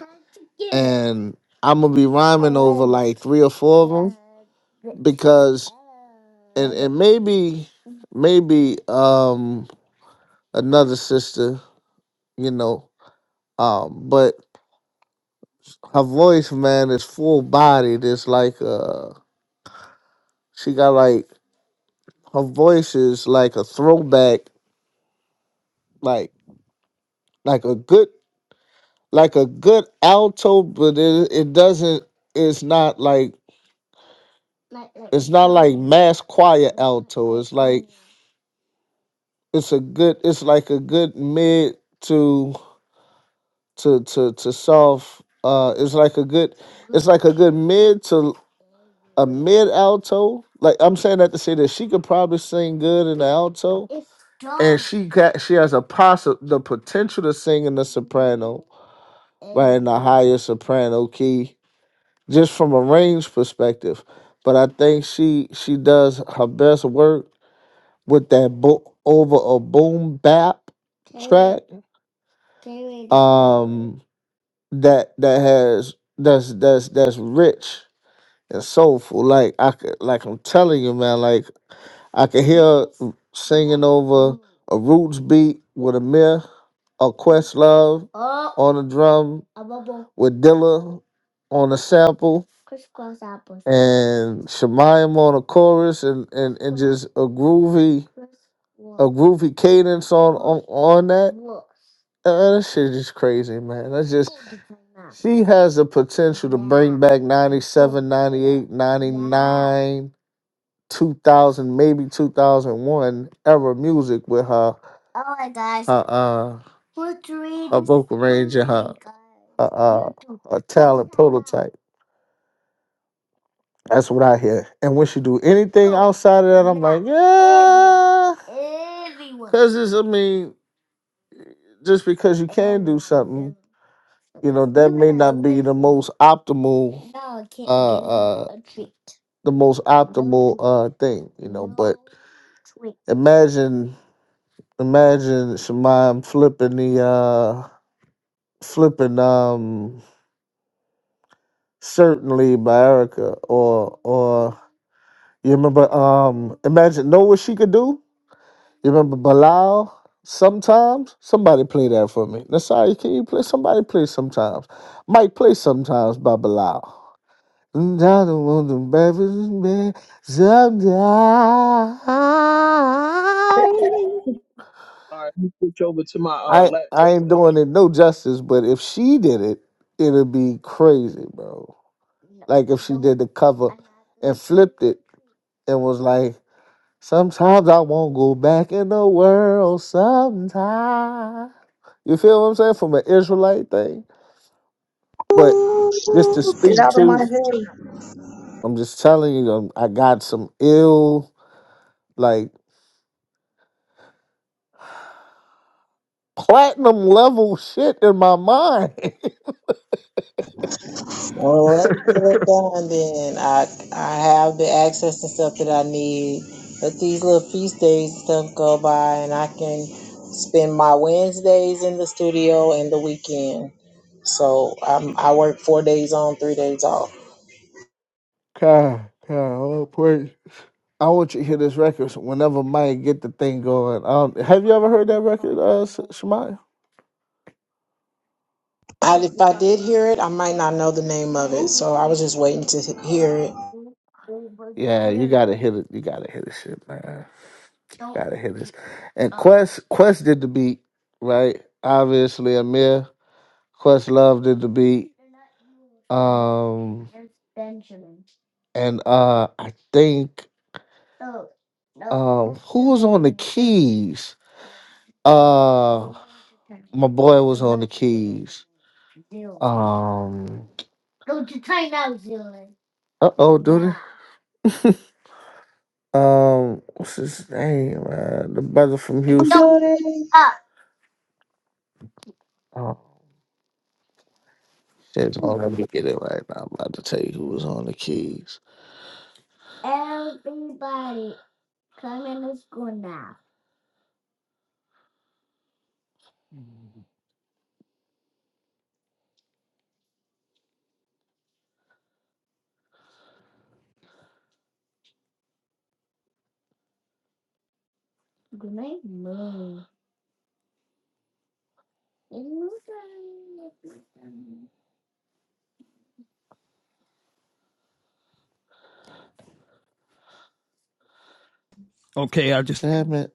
Speaker 6: and I'm gonna be rhyming over like three or four of them because and and maybe maybe um another sister, you know, um, but her voice, man, is full bodied. It's like uh she got like her voice is like a throwback, like like a good like a good alto, but it it doesn't it's not like it's not like mass choir alto. It's like it's a good it's like a good mid to to to to soft uh it's like a good it's like a good mid to. a mid alto. Like I'm saying that to say that she could probably sing good in the alto, and she got she has a possi the potential to sing in the soprano, right in the higher soprano key, just from a range perspective. But I think she she does her best work with that bo- over a boom bap track, um, that that has that's that's that's rich and soulful. Like I could, like I'm telling you, man, like. I can hear singing over a roots beat with Amir, myth, a quest on the drum with Dilla on the sample. And Shemayim on the chorus and, and, and just a groovy a groovy cadence on on, on that. Uh, that shit is crazy, man. That's just she has the potential to bring back 97, 98, 99 2000, maybe 2001 era music with her. Oh my gosh. Her, uh, What's reading? her vocal range and her, her, uh, her talent prototype. That's what I hear. And when she do anything outside of that, I'm like, yeah. Because it's, I mean, just because you can do something, you know, that may not be the most optimal. No, uh, uh, the most optimal uh thing, you know. But imagine Imagine Shemai flipping the uh flipping um certainly by Erica or or you remember um imagine know what she could do? You remember Bilal sometimes? Somebody play that for me. Nasai, can you play somebody play sometimes? Mike play sometimes by Bilal. And I don't want to be with me sometimes. I I ain't doing it no justice, but if she did it, it'd be crazy, bro. Like if she did the cover and flipped it and was like, "Sometimes I won't go back in the world. Sometimes." You feel what I'm saying from an Israelite thing, but just to
Speaker 5: Ooh, Get
Speaker 6: speak
Speaker 5: out of my
Speaker 6: to,
Speaker 5: head.
Speaker 6: I'm just telling you, um, I got some ill like platinum level shit in my mind.
Speaker 5: Well, let's done then. I I have the access and stuff that I need. Let these little feast days and stuff go by, and I can spend my Wednesdays in the studio and the weekend. So I'm, I work four days on, three days off.
Speaker 6: God, God, all praise. I want you to hear this record so whenever Mike get the thing going. Um, have you ever heard that record, uh, S- Shamaya?
Speaker 5: I, if I did hear it, I might not know the name of it. So I was just waiting to he- hear it.
Speaker 6: Yeah, you gotta hit it. You gotta hit this shit, man. You gotta hit this. And Quest, Quest did the beat, right? Obviously, Amir, Quest Love did the beat. Um, and uh, I think um, who was on the keys? Uh, my boy was on the keys. Um. Uh oh, dude. Um, what's his name? Uh, the brother from
Speaker 5: I'm
Speaker 6: Houston.
Speaker 5: doing it.
Speaker 6: Oh shit! Hold on, let me get it right now. I'm about to tell you who was on the keys. Damn it!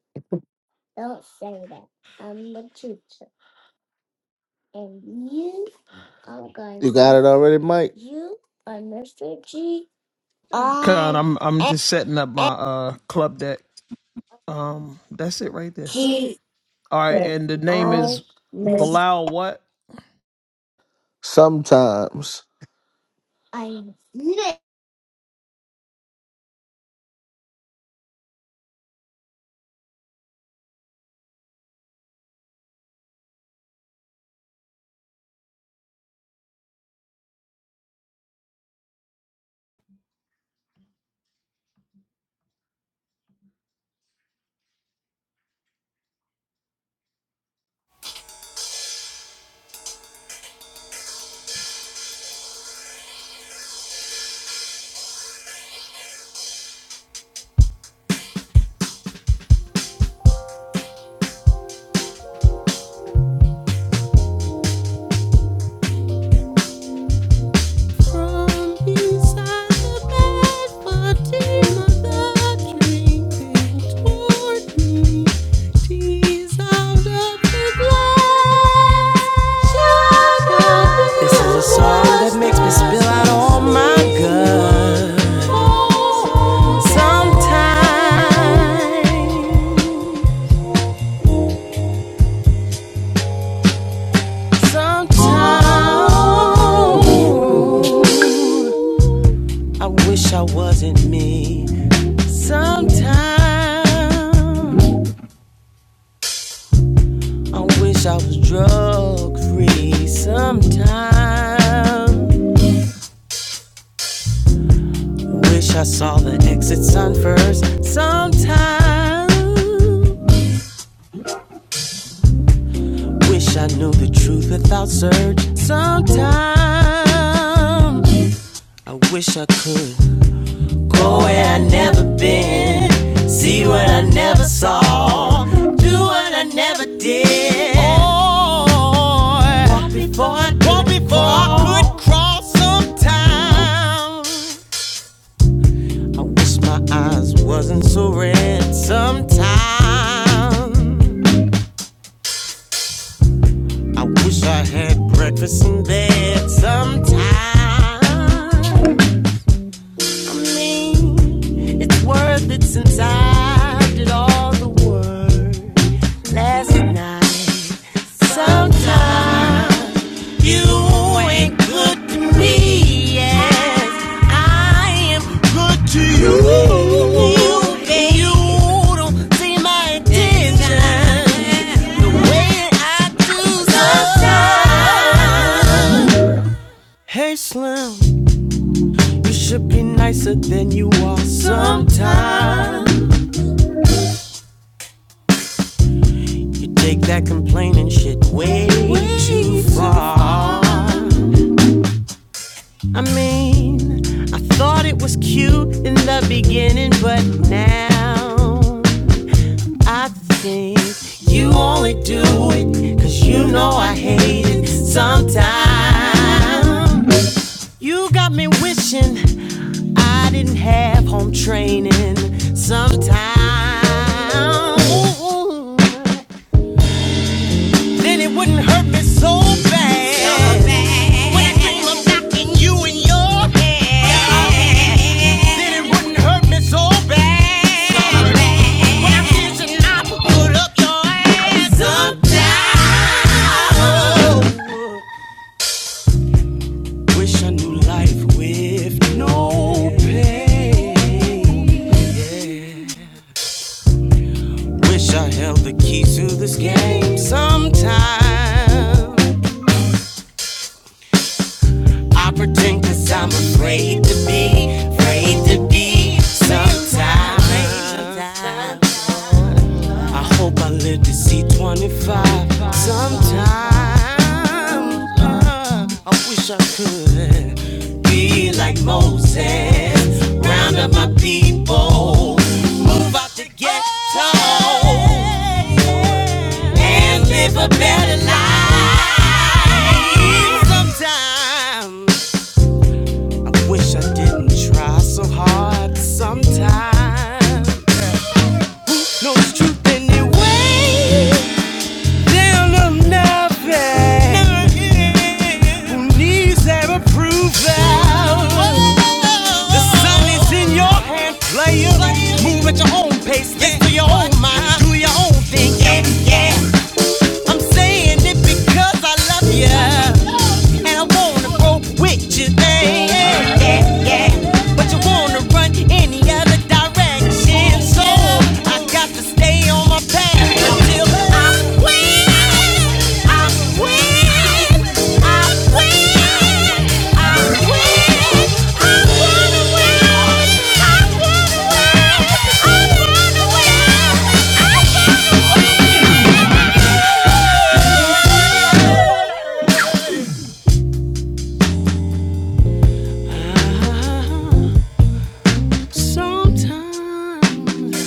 Speaker 6: You got it already, Mike.
Speaker 7: do
Speaker 6: Sometimes
Speaker 7: From inside the bed, wanting mother drinking toward me, tears out of the glass. This is a song that makes me spill out all my guts. Sometimes, sometimes, I wish I wasn't me. Sometimes I wish I was drug free. Sometimes wish I saw the exit sign first. Sometimes wish I knew the truth without search. Sometimes I wish I could. Go where I never been. See what I never saw. Do what I never did. Oh, walk before I could walk before crawl. I could crawl. Sometimes I wish my eyes wasn't so red. Sometimes. I wish I had breakfast in bed Sometimes I mean, it's worth it since I did all the work. last night. Sometimes you ain't good to me. Yes, I am good to you. You and you don't see my intention the way I do sometimes. Hey Slim, you should be nicer than you are sometimes. You take that complaining shit way too far. I mean, I thought it was cute in the beginning, but now I think you only do it 'cause you know I hate it sometimes. You got me wishing I didn't have home training sometimes. then it wouldn't hurt me so bad. So bad. When I came up knocking you in your head, then it wouldn't hurt me so bad. So bad. When I kiss and I put up your ass sometimes. Oh. Wish I knew life with no pain. Yeah. Wish I held the key to this game sometime. I pretend cause I'm afraid to be, afraid to be sometimes. I hope I live to see 25 sometime. Uh, I wish I could be like Moses, round up my people, move out the ghetto, and live a better life Sometimes. I wish I didn't try so hard sometimes. No, it's truth anyway. Down to nothing. Who needs that approval? The sun is in your hand, player. Move at your own pace, get to your own mind, do your own thing. Yeah, yeah. I'm saying it because I love you. And I wanna grow with you, babe. Yeah, yeah. But you wanna run any other direction. So I got to stay on my path until I win. I win. I win. I win. I wanna win. I wanna win. I wanna win. I wanna win. Ah. Sometimes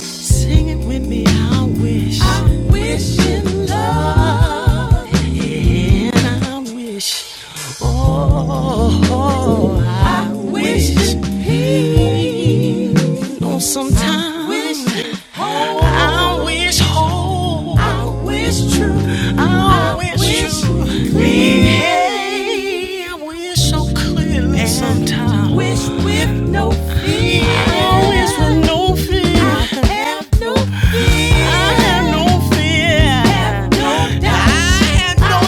Speaker 7: sing it with me. I wish. I wish in love. And I wish. Oh, I, I wish, wish in peace. Oh, sometimes I wish, whole. I wish whole. I wish true. I, I wish, wish true. clear. Hey, I wish so clearly and sometimes. I Wish with Always with no fear. I have no fear. I have no fear. Have no doubt. I have no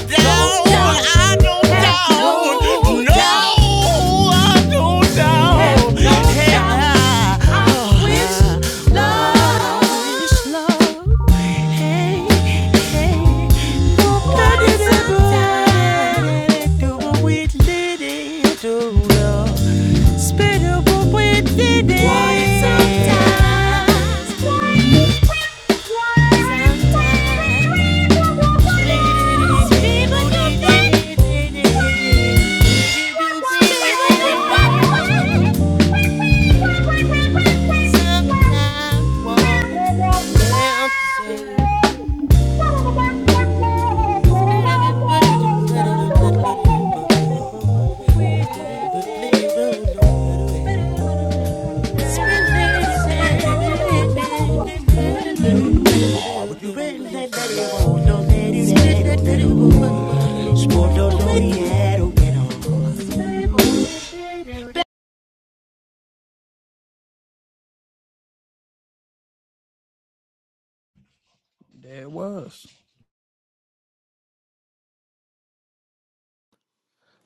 Speaker 7: doubt. do I don't doubt. no No, I don't doubt. Have no Hey, doubt. I I wish love. I Hey, hey. Do it little. Sometimes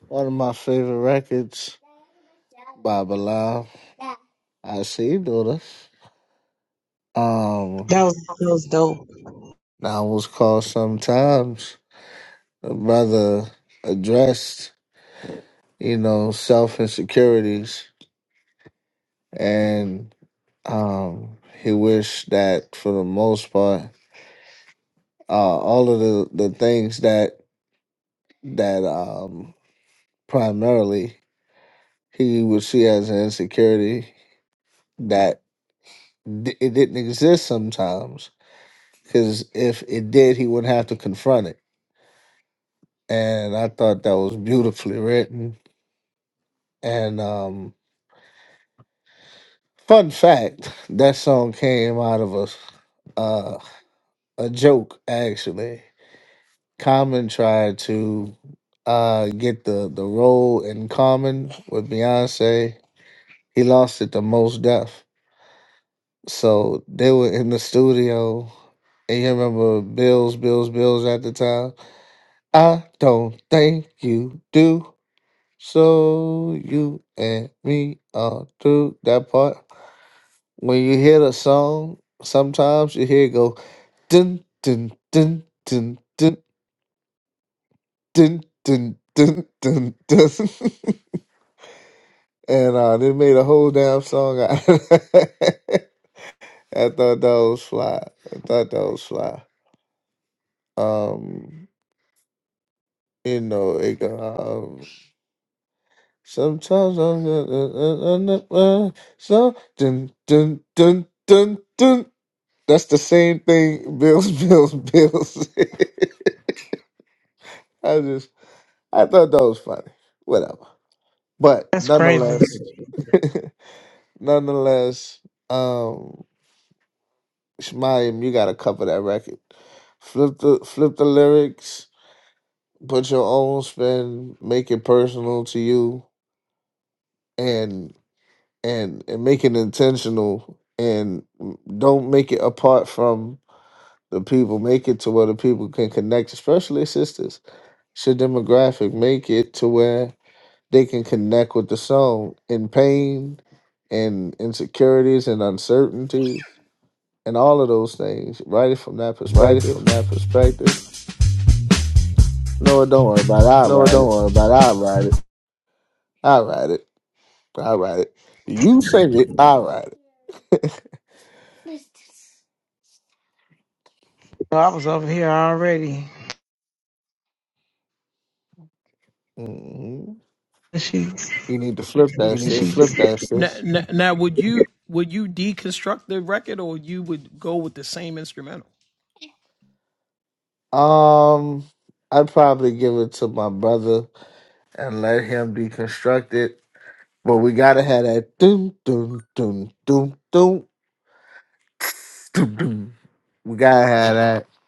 Speaker 6: one of my favorite records by Bilal. I see you do this.
Speaker 5: That
Speaker 6: Um,
Speaker 5: was, that was dope.
Speaker 6: now was called sometimes. The brother addressed, you know, self insecurities and Um, he wished that for the most part, uh, all of the, the things that that um, primarily he would see as an insecurity that d- it didn't exist sometimes. Because if it did, he wouldn't have to confront it. And I thought that was beautifully written. And um, fun fact, that song came out of a uh, a joke actually. Common tried to uh get the the role in Common with Beyonce. He lost it to Most Def. So they were in the studio, and you remember Bills, Bills, Bills at the time. I don't think you do. So you and me are through that part. When you hear the song, sometimes you hear it go dun dun dun dun dun dun dun dun dun. dun. And uh, they made a whole damn song out of that. I thought that was fly. I thought that was fly. Um, you know, it, um, sometimes I'm uh, uh, uh, uh, uh, so dun dun dun dun dun. That's the same thing. Bills, bills, bills. I just, I thought that was funny. Whatever. But
Speaker 5: That's crazy.
Speaker 6: nonetheless, nonetheless. um, Shemayim, you gotta cover that record. Flip the flip the lyrics, put your own spin, make it personal to you, and and and make it intentional, and don't make it apart from the people. Make it to where the people can connect, especially sisters. It's your demographic. Make it to where they can connect with the song in pain, and insecurities and uncertainty, and all of those things. Write it from that
Speaker 7: Write it
Speaker 6: perspective
Speaker 7: from that perspective.
Speaker 6: No, don't worry about it. I'll
Speaker 7: No,
Speaker 6: write
Speaker 7: don't
Speaker 6: it.
Speaker 7: worry about it. I'll write it.
Speaker 6: I'll write it. I'll write it. You sing it. I'll write it.
Speaker 5: I was over here already.
Speaker 6: hmm
Speaker 5: She
Speaker 6: You need to flip that,
Speaker 7: You need to
Speaker 6: sis.
Speaker 7: flip that shit.
Speaker 6: Um, I'd probably give it to my brother and let him deconstruct it. But we gotta have that doom doom doom doom doom doom doom. We gotta have that.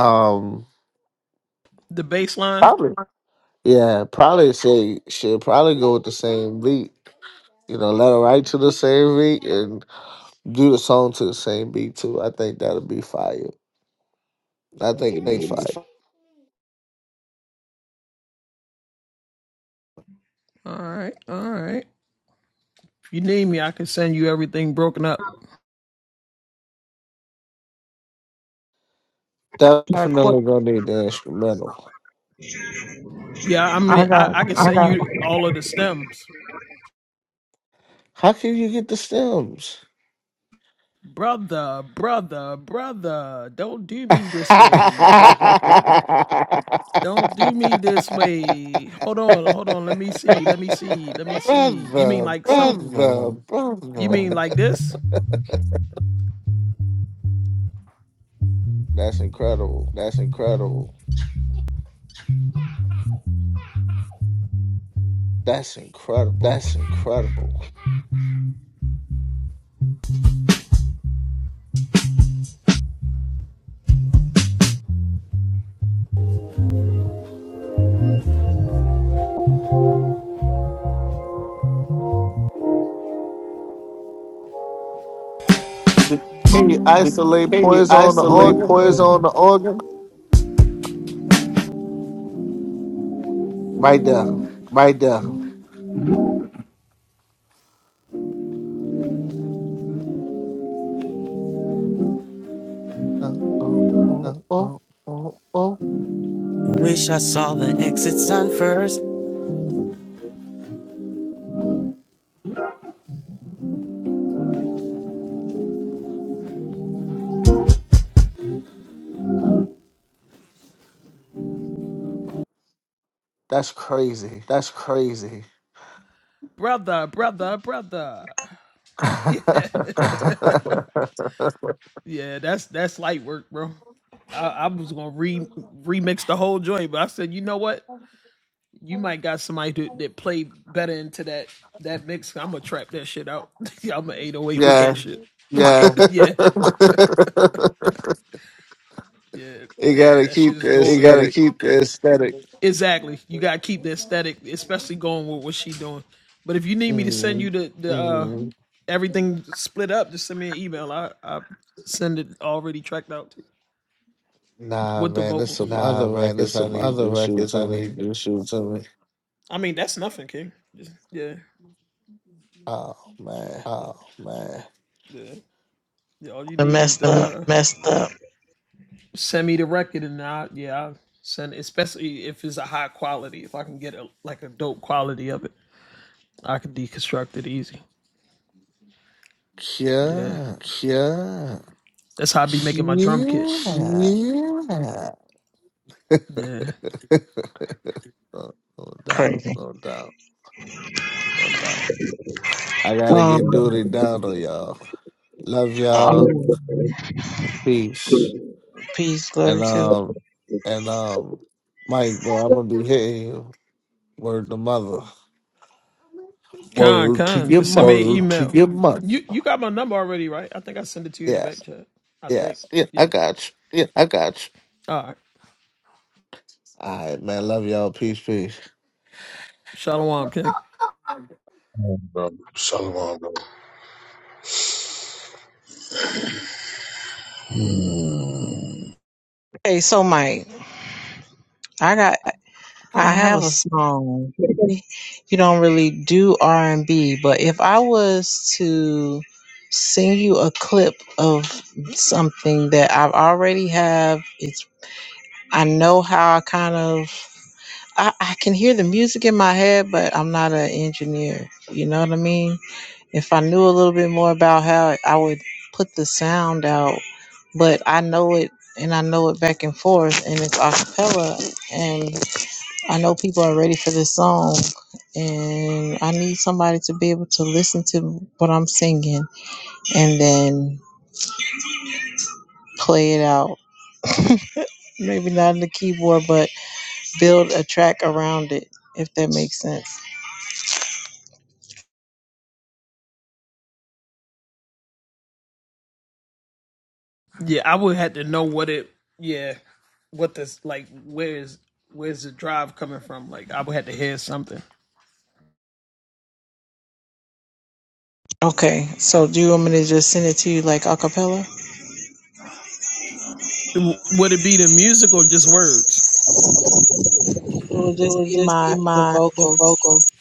Speaker 6: Um, probably. Yeah, probably say should probably go with the same beat. You know, let her write to the same beat and. do the song to the same beat too. I think that'll be fire. I think it'll be
Speaker 7: Take
Speaker 6: fire.
Speaker 7: it to-
Speaker 5: got a
Speaker 6: Definitely gonna need the instrumental.
Speaker 5: I got
Speaker 6: How can you get the stems? brother, brother.
Speaker 7: The-
Speaker 6: That's incredible.
Speaker 7: That's incredible.
Speaker 6: That's incredible.
Speaker 7: That's incredible.
Speaker 6: The- Can you isolate
Speaker 7: Can you
Speaker 6: poison on the
Speaker 7: isolate
Speaker 6: organ?
Speaker 7: poison on the organ?
Speaker 6: Right there.
Speaker 7: Right there.
Speaker 6: Uh, oh, oh, oh.
Speaker 7: Oh, oh. Wish I saw the exit sign first.
Speaker 6: That's crazy.
Speaker 7: That's crazy.
Speaker 6: yeah.
Speaker 7: Yeah,
Speaker 6: You gotta keep the
Speaker 7: gotta
Speaker 6: aesthetic.
Speaker 7: keep the aesthetic.
Speaker 6: Mm, nah, man, there's some
Speaker 7: Nah,
Speaker 6: other
Speaker 7: man, there's
Speaker 6: records I
Speaker 7: some
Speaker 6: need
Speaker 7: other
Speaker 6: you to shoot
Speaker 7: records
Speaker 6: to
Speaker 7: I
Speaker 6: me.
Speaker 7: need you to shoot to me.
Speaker 6: Oh man,
Speaker 7: Oh man,
Speaker 5: messed up.
Speaker 6: yeah,
Speaker 7: yeah,
Speaker 6: yeah.
Speaker 7: yeah,
Speaker 6: No, no doubt, no doubt, no doubt. I gotta get duty down on y'all. Love y'all. Peace.
Speaker 5: Peace, glory
Speaker 6: And
Speaker 5: to.
Speaker 6: um, and um, Mike, boy, I'm gonna be hitting you. Word to mother. Word to your mother.
Speaker 7: your money.
Speaker 6: Yeah, yeah, I got you.
Speaker 7: Yeah, I got you.
Speaker 6: All right, man. Love y'all. Peace, peace.
Speaker 2: Oh, bro. Shalom, bro. Hmm.
Speaker 5: Okay, so Mike, I got I have a
Speaker 7: have a.
Speaker 5: song. You don't really do R and B, but if I was to sing you a clip of something that I've already have, it's I know how I kind of I, I can hear the music in my head, but I'm not an engineer. You know what I mean? if I knew a little bit more about how I would put the sound out, but I know it and I know it back and forth and it's a cappella and I know people are ready for this song and I need somebody to be able to listen to what I'm singing and then play it out. Maybe not in the keyboard but build a track around it if that makes sense. Okay, so do you want me to just send it to you like a cappella? It will
Speaker 7: It
Speaker 5: just
Speaker 7: would
Speaker 5: be
Speaker 7: just be
Speaker 5: my the
Speaker 7: my the
Speaker 5: vocals.
Speaker 7: vocals.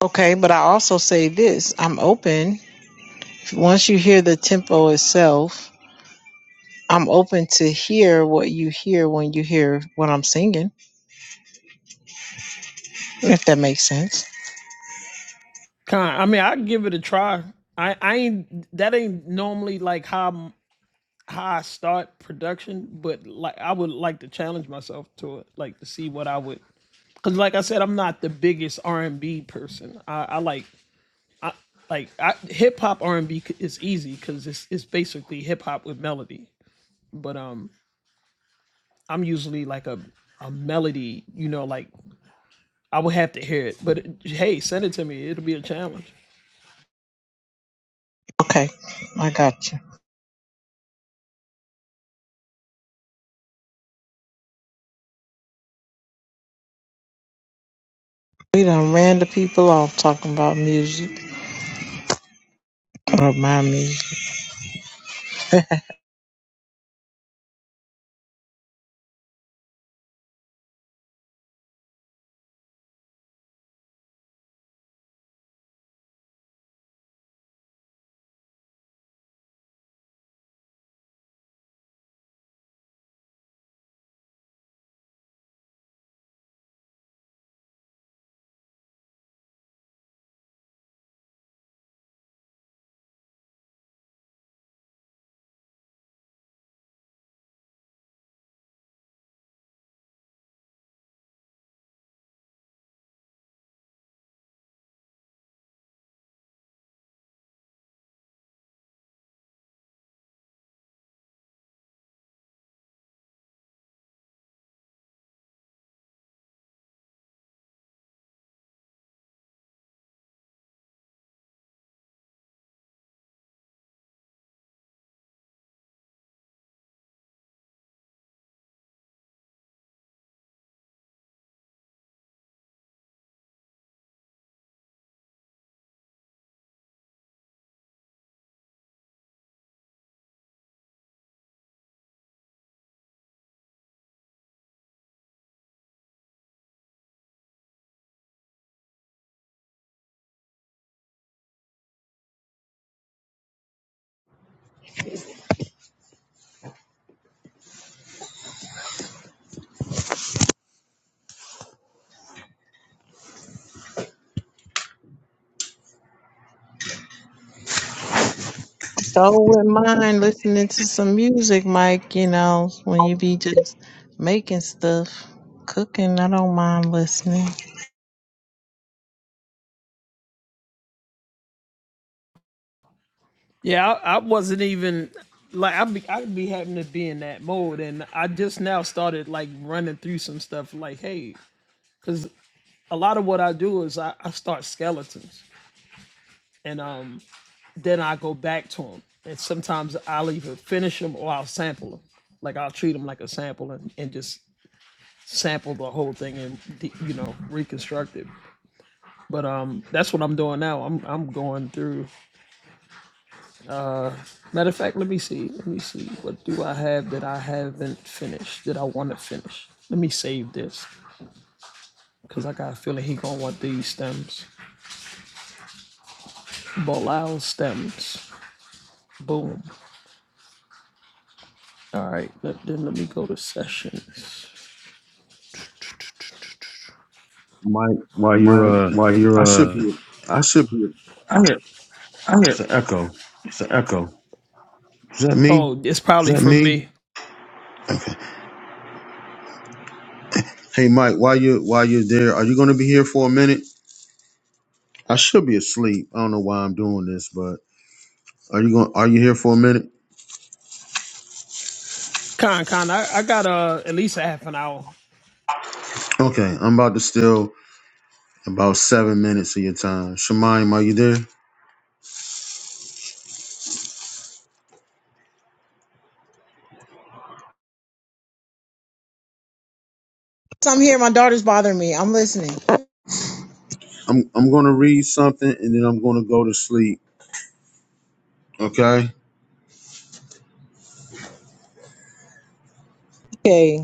Speaker 5: Okay, but I also say this I'm open. Once you hear the tempo itself, I'm open to hear what you hear when you hear what I'm singing, if that makes sense. Okay, I got you. We done ran the people off talking about music or my music. So wouldn't mind listening to some music, Mike, you know, when you be just making stuff, cooking, I don't mind listening.
Speaker 2: Mike, while
Speaker 7: Mike,
Speaker 2: you're uh,
Speaker 7: while
Speaker 2: I
Speaker 7: you're,
Speaker 2: should
Speaker 7: uh,
Speaker 2: be.
Speaker 7: I should be.
Speaker 2: I hear it's an echo.
Speaker 7: It's an echo.
Speaker 2: Is that me? Hey Mike, while you while you're there, are you going to be here for a minute? I should be asleep. I don't know why I'm doing this, but are you going? Are you here for a minute? Okay, I'm about to steal about seven minutes of your time. Shemaim, are you there?
Speaker 5: So I'm here. My daughter's bothering me. I'm listening.
Speaker 2: I'm I'm going to read something and then I'm going to go to sleep. Okay.
Speaker 5: Okay.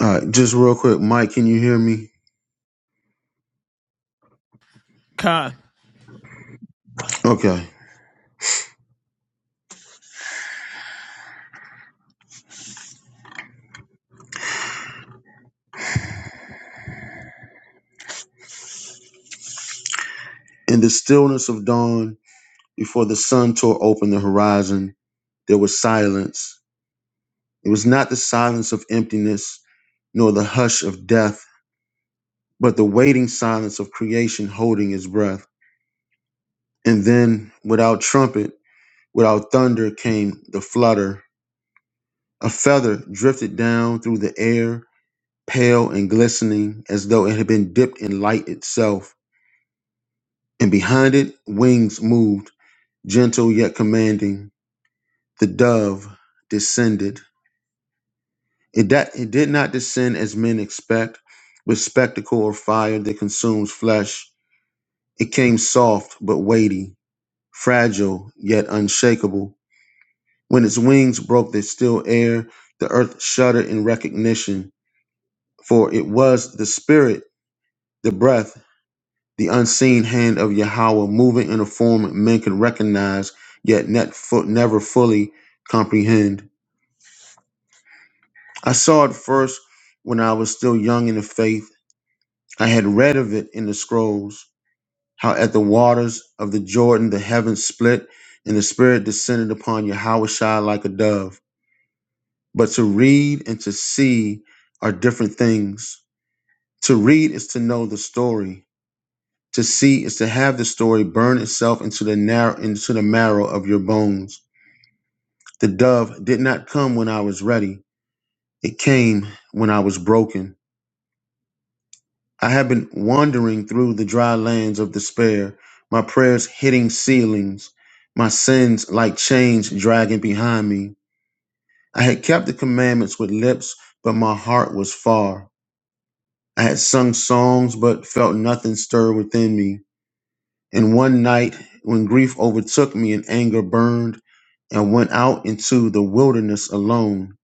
Speaker 2: All right. Just real quick, Mike, can you hear me? Okay. In the stillness of dawn, before the sun tore open the horizon, there was silence. It was not the silence of emptiness. nor the hush of death, but the waiting silence of creation holding his breath. And then, without trumpet, without thunder, came the flutter. A feather drifted down through the air, pale and glistening, as though it had been dipped in light itself. And behind it, wings moved, gentle yet commanding. The dove descended. It, that, it did not descend as men expect, with spectacle or fire that consumes flesh. It came soft but weighty, fragile yet unshakable. When its wings broke the still air, the earth shuddered in recognition, for it was the spirit, the breath, the unseen hand of Yahweh moving in a form men could recognize, yet net fu- never fully comprehend. I saw it first when I was still young in the faith. I had read of it in the scrolls, how at the waters of the Jordan the heavens split and the spirit descended upon Yahweh Shai like a dove. But to read and to see are different things. To read is to know the story. To see is to have the story burn itself into the narrow into the marrow of your bones. The dove did not come when I was ready. It came when I was broken. I have been wandering through the dry lands of despair, my prayers hitting ceilings, my sins like chains dragging behind me. I had kept the commandments with lips, but my heart was far. I had sung songs but felt nothing stir within me. And one night, when grief overtook me and anger burned, and went out into the wilderness alone,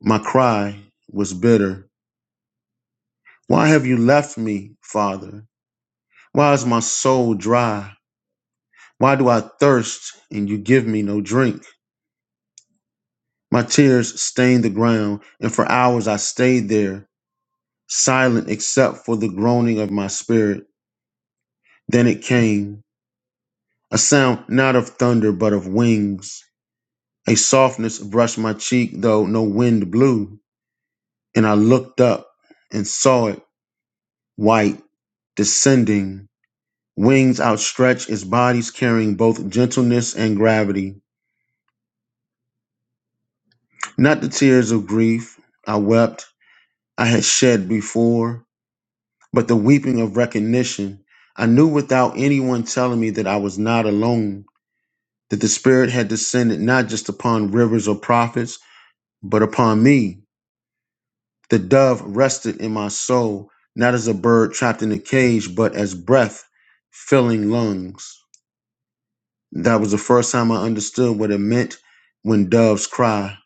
Speaker 2: my cry was bitter. Why have you left me, Father? Why is my soul dry? Why do I thirst and you give me no drink? My tears stained the ground, and for hours I stayed there, silent except for the groaning of my spirit. Then it came. A sound not of thunder, but of wings. A softness brushed my cheek, though no wind blew. And I looked up and saw it, white, descending, wings outstretched, its bodies carrying both gentleness and gravity. Not the tears of grief I wept, I had shed before, but the weeping of recognition. I knew without anyone telling me that I was not alone, that the Spirit had descended not just upon rivers or prophets, but upon me The dove rested in my soul, not as a bird trapped in a cage, but as breath filling lungs. That was the first time I understood what it meant when doves cry.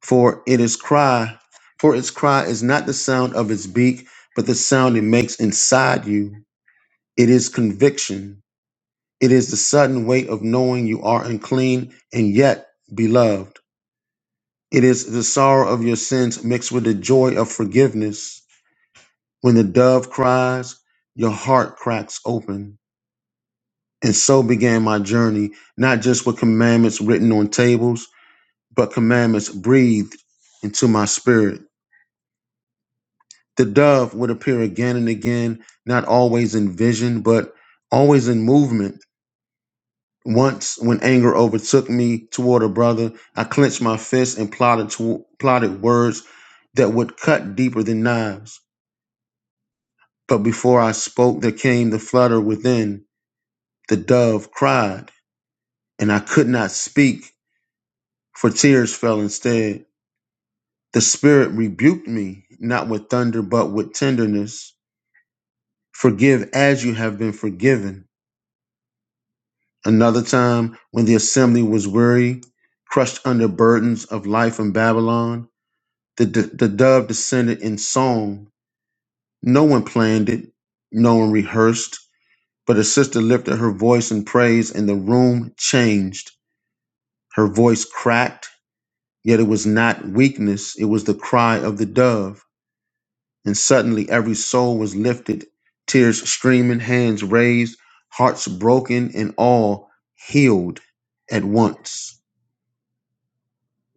Speaker 2: For it is cry, for its cry is not the sound of its beak, but the sound it makes inside you. It is conviction. It is the sudden weight of knowing you are unclean and yet beloved. It is the sorrow of your sins mixed with the joy of forgiveness. When the dove cries, your heart cracks open. And so began my journey, not just with commandments written on tables, but commandments breathed into my spirit. The dove would appear again and again, not always in vision, but always in movement. Once, when anger overtook me toward a brother, I clenched my fist and plotted, to, plotted words that would cut deeper than knives. But before I spoke, there came the flutter within. The dove cried. and I could not speak, for tears fell instead. The Spirit rebuked me, not with thunder, but with tenderness. Forgive as you have been forgiven. Another time, when the assembly was weary, crushed under burdens of life in Babylon, the, the, the dove descended in song. No one planned it, no one rehearsed, but a sister lifted her voice in praise, and the room changed. Her voice cracked, yet it was not weakness, it was the cry of the dove. And suddenly every soul was lifted, tears streaming, hands raised, hearts broken, and all healed at once.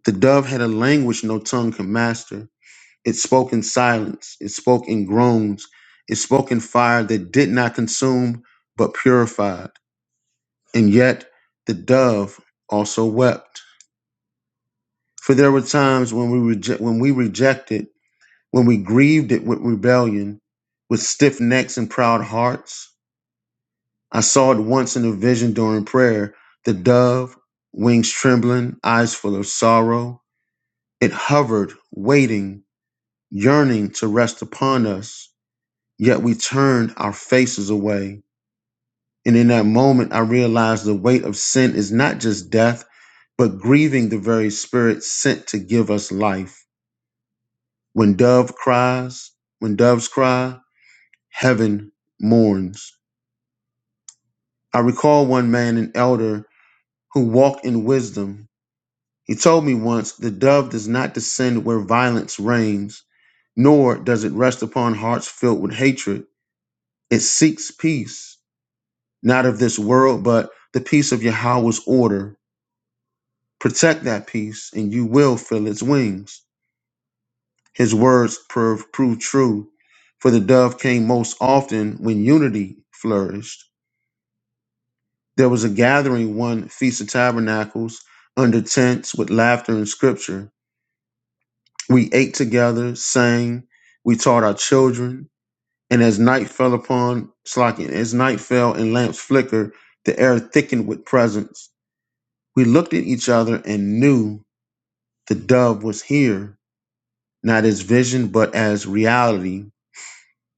Speaker 2: The dove had a language no tongue could master. It spoke in silence, it spoke in groans, it spoke in fire that did not consume but purified. And yet the dove also wept. For there were times when we, reje- when we rejected, when we grieved it with rebellion, with stiff necks and proud hearts I saw it once in a vision during prayer the dove, wings trembling, eyes full of sorrow. It hovered, waiting, yearning to rest upon us, yet we turned our faces away. And in that moment, I realized the weight of sin is not just death, but grieving the very spirit sent to give us life. When dove cries, when doves cry, heaven mourns. I recall one man, an elder, who walked in wisdom He told me once the dove does not descend where violence reigns, nor does it rest upon hearts filled with hatred. It seeks peace, not of this world, but the peace of Yahweh's order. Protect that peace, and you will fill its wings. His words prove, prove true, for the dove came most often when unity flourished. There was a gathering one Feast of Tabernacles under tents with laughter and scripture. We ate together, sang, we taught our children, and as night fell upon Slakin, as night fell and lamps flickered, the air thickened with presence. We looked at each other and knew the dove was here, not as vision, but as reality.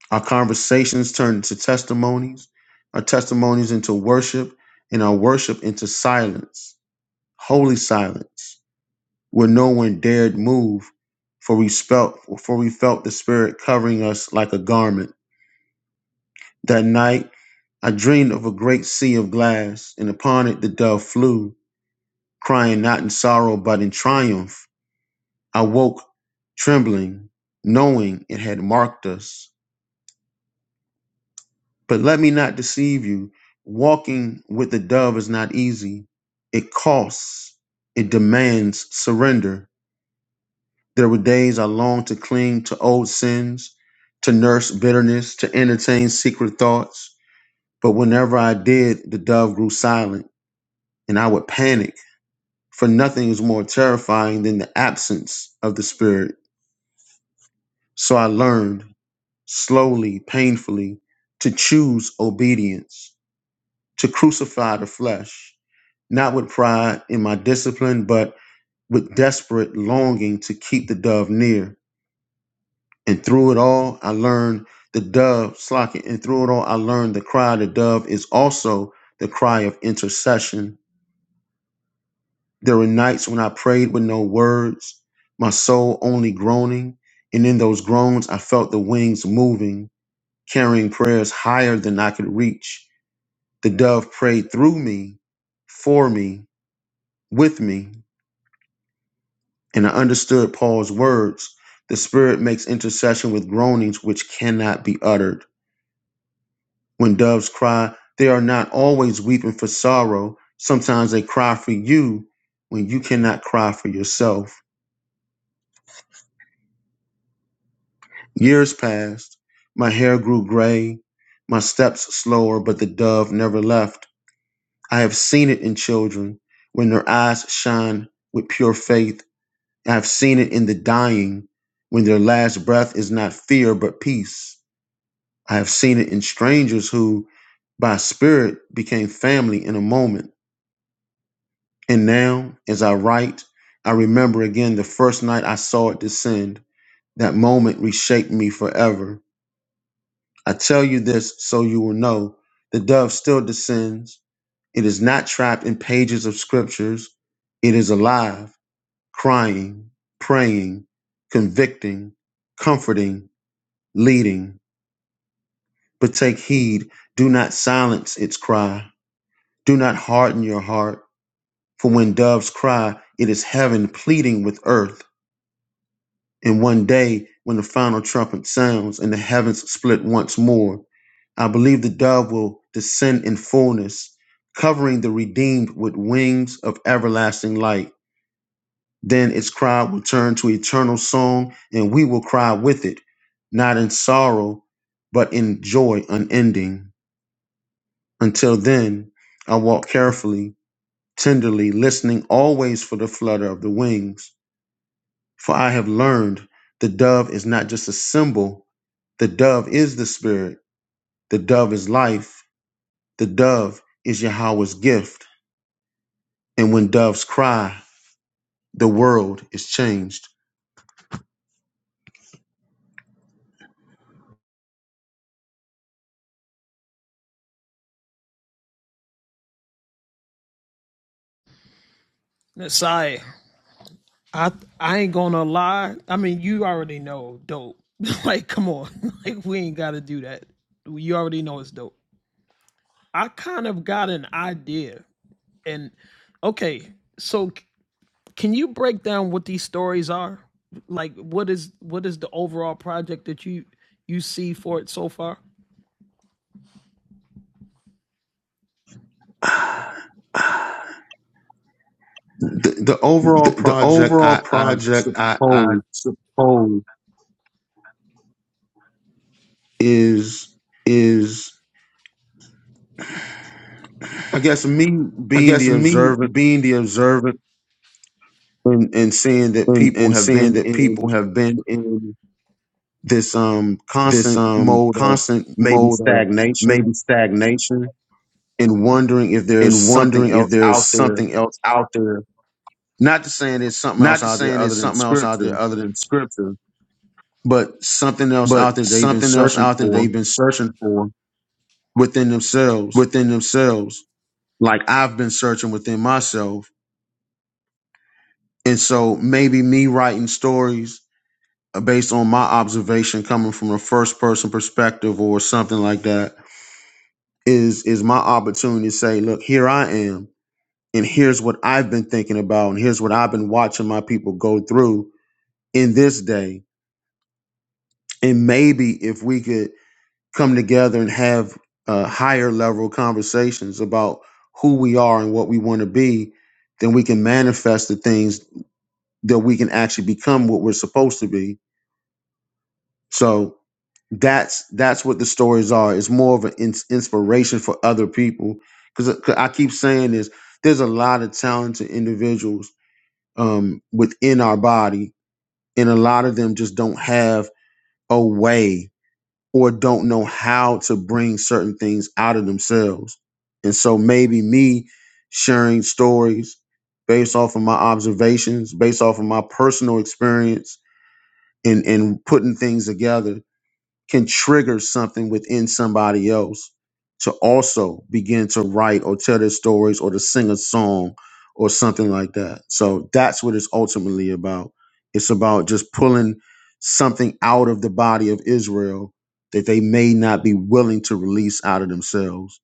Speaker 2: Our conversations turned into testimonies, our testimonies into worship, and our worship into silence, holy silence. where no one dared move, for we felt for we felt the spirit covering us like a garment. That night I dreamed of a great sea of glass, and upon it the dove flew, crying not in sorrow but in triumph. I woke trembling, knowing it had marked us. But let me not deceive you. Walking with the dove is not easy. It costs, it demands surrender. There were days I longed to cling to old sins, to nurse bitterness, to entertain secret thoughts. But whenever I did, the dove grew silent and I would panic, for nothing is more terrifying than the absence of the Spirit. So I learned, slowly, painfully, to choose obedience, to crucify the flesh, not with pride in my discipline, but with desperate longing to keep the dove near. And through it all, I learned the dove slocking. And through it all, I learned the cry of the dove is also the cry of intercession. There were nights when I prayed with no words, my soul only groaning. And in those groans, I felt the wings moving, carrying prayers higher than I could reach. The dove prayed through me, for me, with me. And I understood Paul's words the Spirit makes intercession with groanings which cannot be uttered. When doves cry, they are not always weeping for sorrow. Sometimes they cry for you when you cannot cry for yourself. Years passed. My hair grew gray, my steps slower, but the dove never left. I have seen it in children when their eyes shine with pure faith. I have seen it in the dying when their last breath is not fear but peace. I have seen it in strangers who, by spirit, became family in a moment. And now, as I write, I remember again the first night I saw it descend. That moment reshaped me forever. I tell you this so you will know the dove still descends. It is not trapped in pages of scriptures, it is alive, crying, praying, convicting, comforting, leading. But take heed, do not silence its cry, do not harden your heart. For when doves cry, it is heaven pleading with earth. And one day, when the final trumpet sounds and the heavens split once more, I believe the dove will descend in fullness, covering the redeemed with wings of everlasting light. Then its cry will turn to eternal song, and we will cry with it, not in sorrow, but in joy unending. Until then, I walk carefully, tenderly, listening always for the flutter of the wings. For I have learned the dove is not just a symbol The dove is the spirit. The dove is life. The dove is Yahweh's gift. And when doves cry, the world is changed. The, the overall
Speaker 7: The, the
Speaker 2: project,
Speaker 7: overall
Speaker 2: I, I
Speaker 7: project, I, I
Speaker 2: suppose,
Speaker 7: suppose,
Speaker 2: is
Speaker 7: is
Speaker 2: I guess me
Speaker 7: I
Speaker 2: being the
Speaker 7: guess me
Speaker 2: observant
Speaker 7: being the observant
Speaker 2: and, and seeing that
Speaker 7: and,
Speaker 2: people
Speaker 7: and
Speaker 2: have
Speaker 7: seeing
Speaker 2: been
Speaker 7: that people
Speaker 2: in
Speaker 7: have been in.
Speaker 2: this um
Speaker 7: this
Speaker 2: constant
Speaker 7: um
Speaker 2: mode of
Speaker 7: constant
Speaker 2: maybe
Speaker 7: mode of
Speaker 2: stagnation
Speaker 7: maybe stagnation
Speaker 2: and wondering if there's
Speaker 7: and
Speaker 2: something
Speaker 7: wondering if
Speaker 2: else
Speaker 7: there's
Speaker 2: out there.
Speaker 7: something else out there.
Speaker 2: Not to saying there's something else
Speaker 7: Not to
Speaker 2: out there
Speaker 7: saying
Speaker 2: other
Speaker 7: there's
Speaker 2: than
Speaker 7: something else out there
Speaker 2: scripture,
Speaker 7: other than scripture,
Speaker 2: but something else out
Speaker 7: but
Speaker 2: there they've been
Speaker 7: something else
Speaker 2: searching
Speaker 7: out there
Speaker 2: for
Speaker 7: they've been searching for
Speaker 2: within themselves,
Speaker 7: within themselves.
Speaker 2: like I've been searching within myself. And so maybe me writing stories uh, based on my observation coming from a first person perspective or something like that is is my opportunity to say, look, here I am and here's what I've been thinking about and here's what I've been watching my people go through in this day. And maybe if we could come together and have uh, higher level conversations about who we are and what we want to be, then we can manifest the things that we can actually become what we're supposed to be. So that's that's what the stories are. It's more of an ins- inspiration for other people because I keep saying this. There's a lot of talented individuals um, within our body, and a lot of them just don't have a way. or don't know how to bring certain things out of themselves. And so maybe me sharing stories based off of my observations, based off of my personal experience and, and putting things together can trigger something within somebody else to also begin to write or tell their stories or to sing a song or something like that. So that's what it's ultimately about. It's about just pulling something out of the body of Israel that they may not be willing to release out of themselves.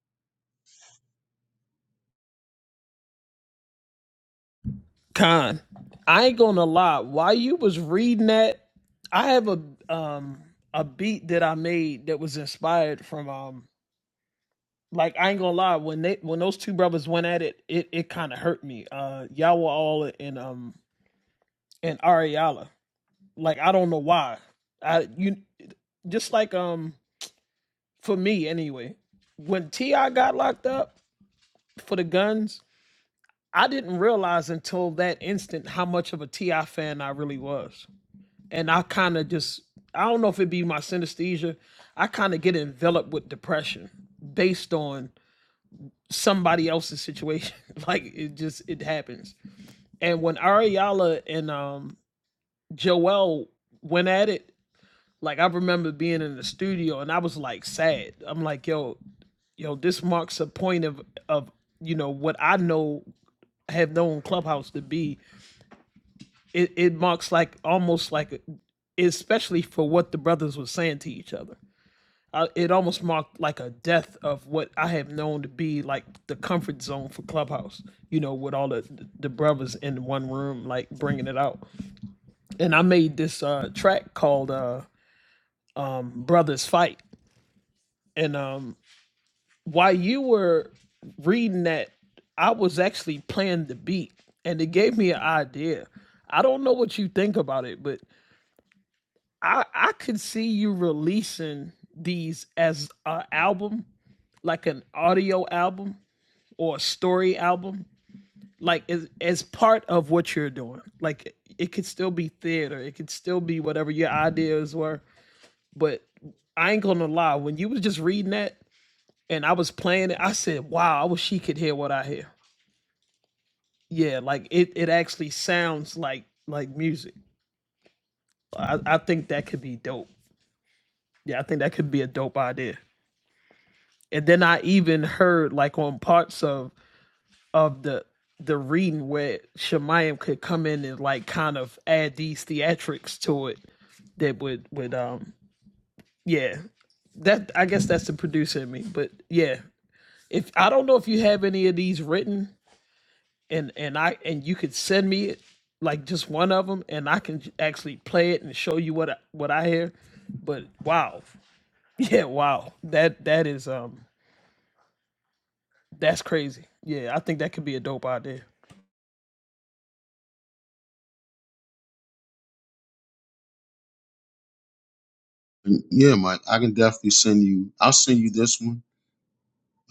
Speaker 2: And yeah, Mike, I can definitely send you. I'll send you this one.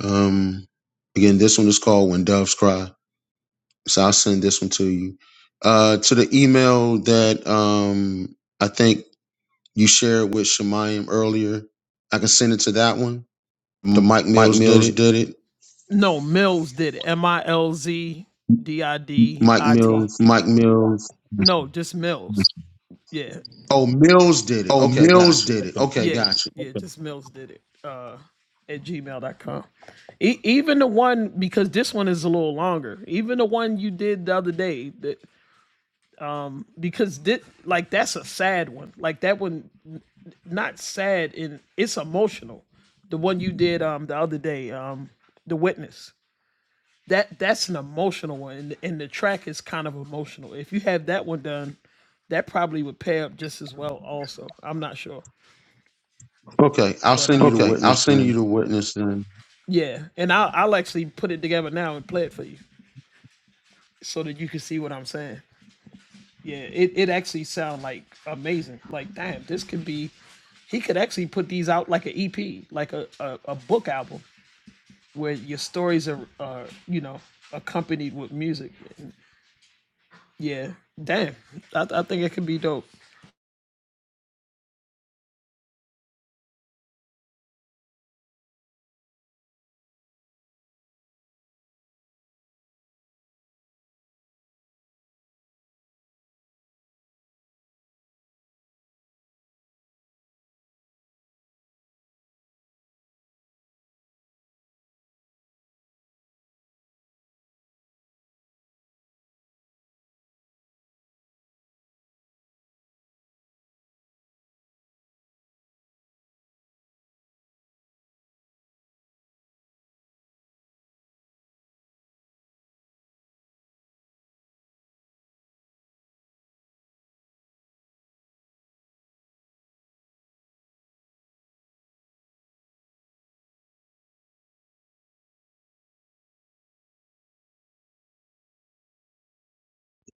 Speaker 2: Um, again, this one is called "When Doves Cry." So I'll send this one to you. Uh, to the email that um, I think you shared with Shemayim earlier, I can send it to that one. The
Speaker 7: M-
Speaker 2: Mike
Speaker 7: Mike
Speaker 2: Mills did
Speaker 7: Mills
Speaker 2: it.
Speaker 7: did it.
Speaker 2: Mike Mills.
Speaker 7: Mike Mills.
Speaker 2: Oh, Mills did it.
Speaker 7: Oh,
Speaker 2: Okay,
Speaker 7: Mills
Speaker 2: gotcha.
Speaker 7: did it.
Speaker 2: Okay.
Speaker 7: Okay.
Speaker 2: Okay, I'll send you the
Speaker 7: okay. I'll
Speaker 2: witness
Speaker 7: send you
Speaker 2: then.
Speaker 7: the witness then.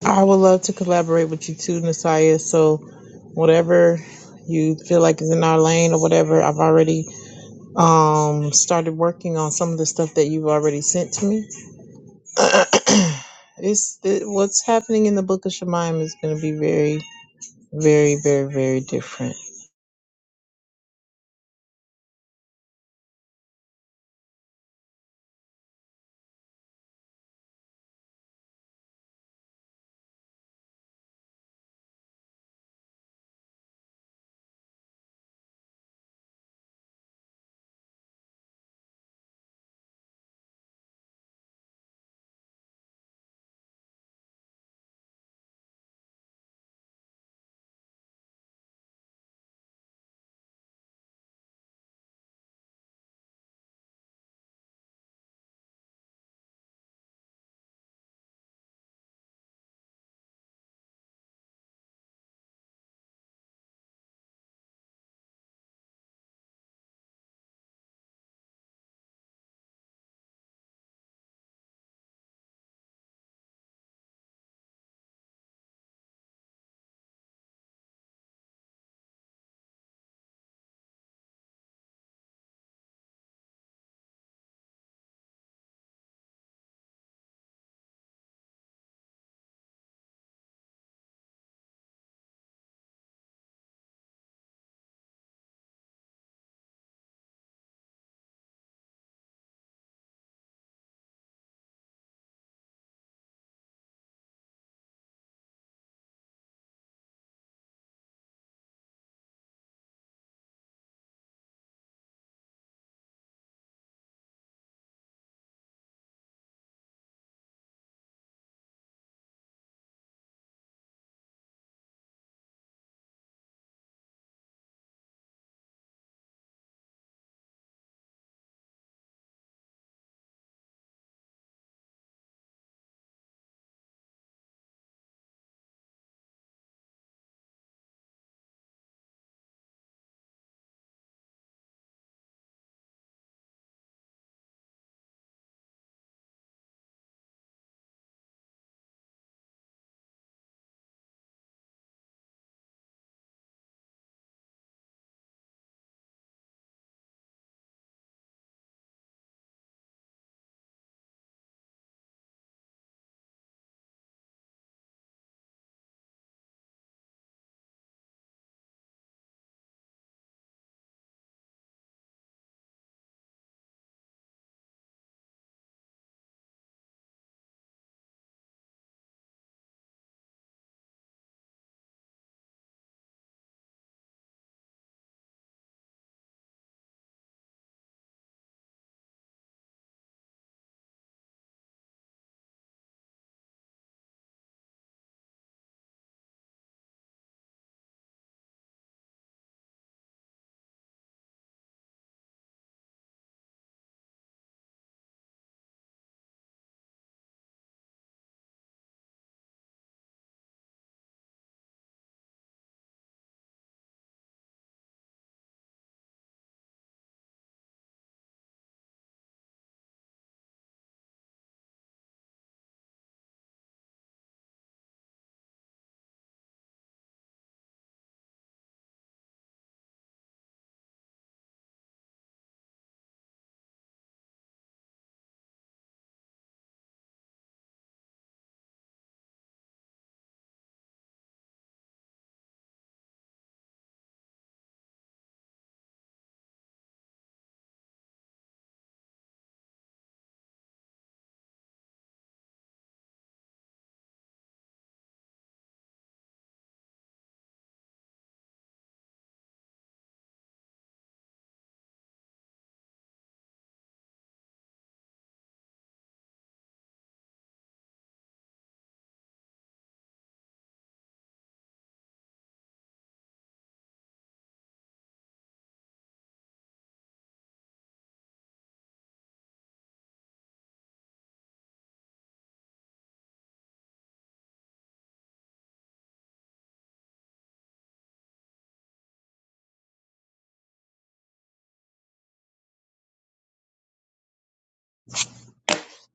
Speaker 5: I would love to collaborate with you too, Nasaya. So whatever you feel like is in our lane or whatever, I've already um started working on some of the stuff that you've already sent to me. it's it, what's happening in the book of Shemaim is going to be very very very very different.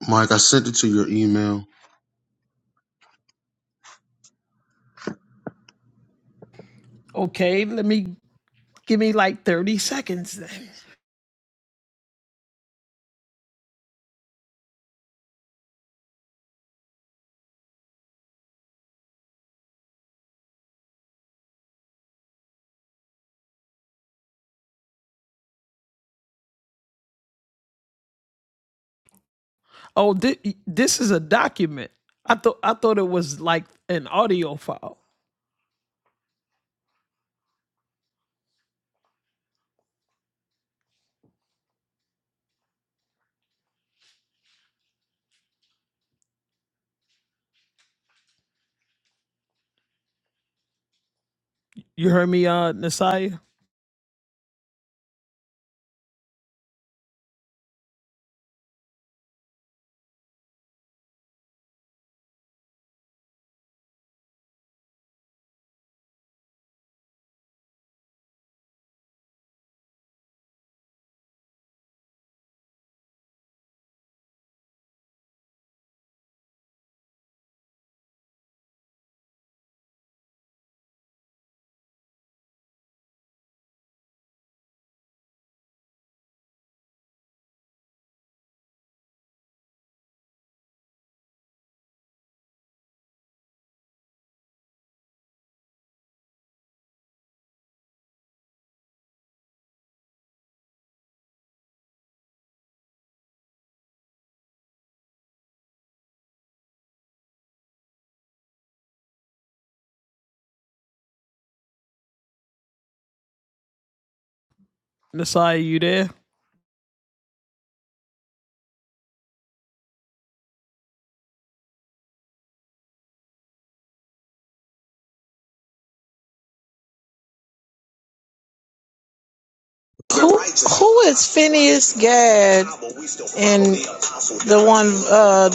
Speaker 2: Mike, I sent it to your email.
Speaker 5: Who who is Phineas Gadd and the one uh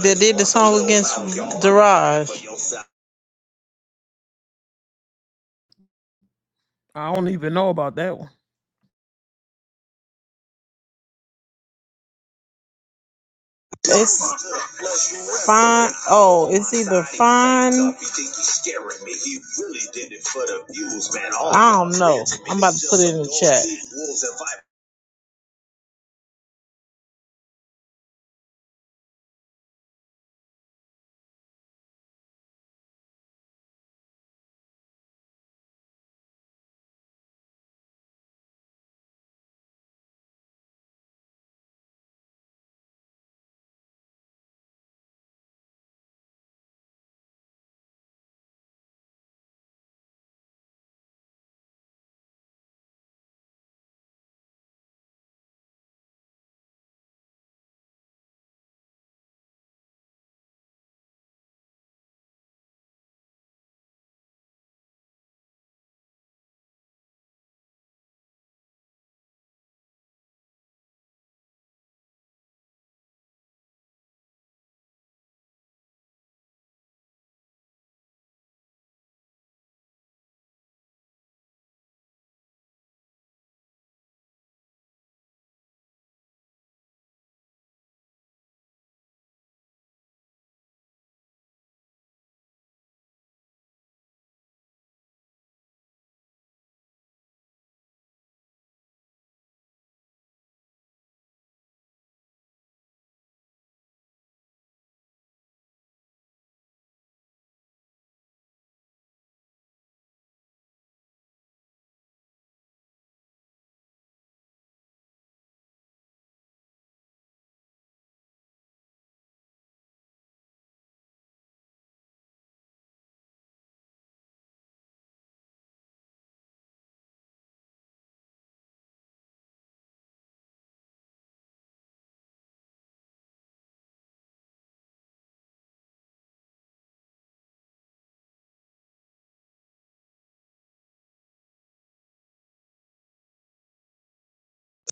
Speaker 5: that did the song against Daraj? It's fine. Oh, it's either fine. I don't know. I'm about to put it in the chat.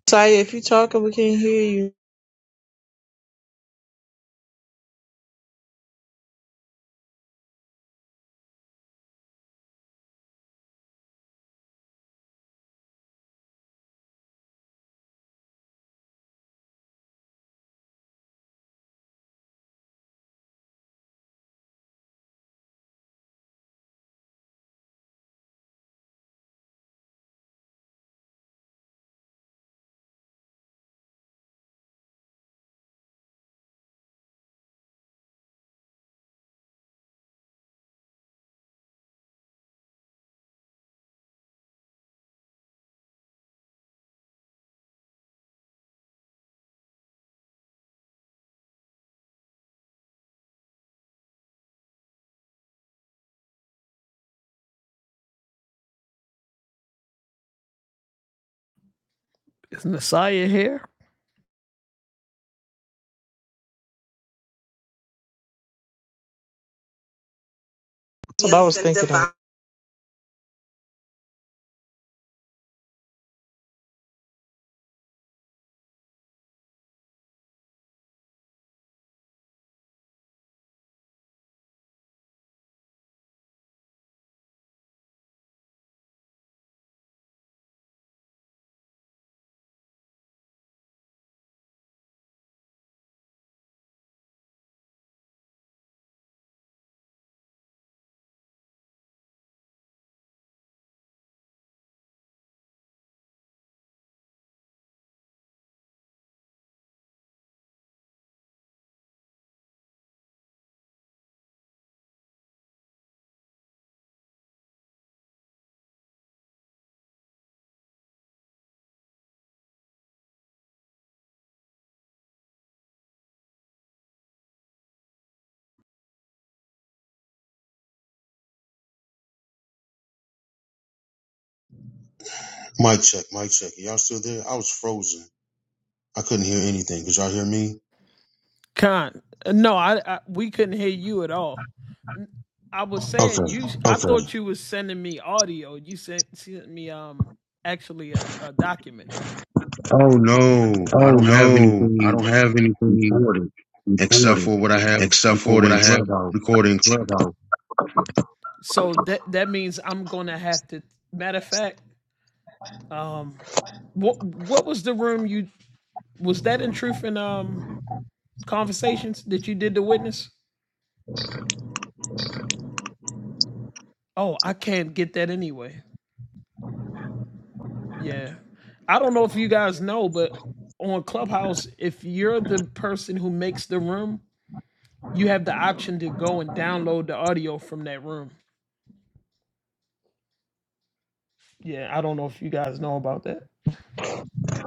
Speaker 5: Saya, if you're talking, we can't hear you. That's what I was thinking. of.
Speaker 2: Mike check, Mike check. Y'all still there? I was frozen. I couldn't hear anything. Could y'all hear me? Okay. Oh no, I
Speaker 7: Oh
Speaker 2: don't have
Speaker 7: no, I
Speaker 2: anything
Speaker 7: don't have anything
Speaker 2: recorded except
Speaker 7: recorded
Speaker 2: for what I have
Speaker 7: except for
Speaker 2: recorded
Speaker 7: what
Speaker 2: in
Speaker 7: I have
Speaker 2: Clubhouse.
Speaker 7: recorded in Clubhouse.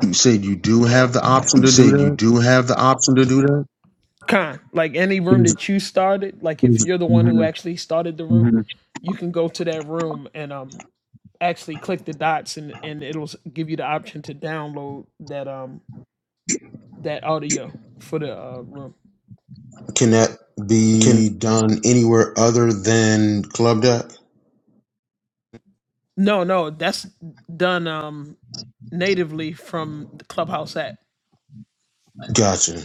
Speaker 2: You said you do have the option
Speaker 7: You
Speaker 2: to do
Speaker 7: said you
Speaker 2: that.
Speaker 7: do have the option to do that?
Speaker 2: Is- mhm. Can that
Speaker 7: Can
Speaker 2: be done anywhere other than Club Deck? Gotcha.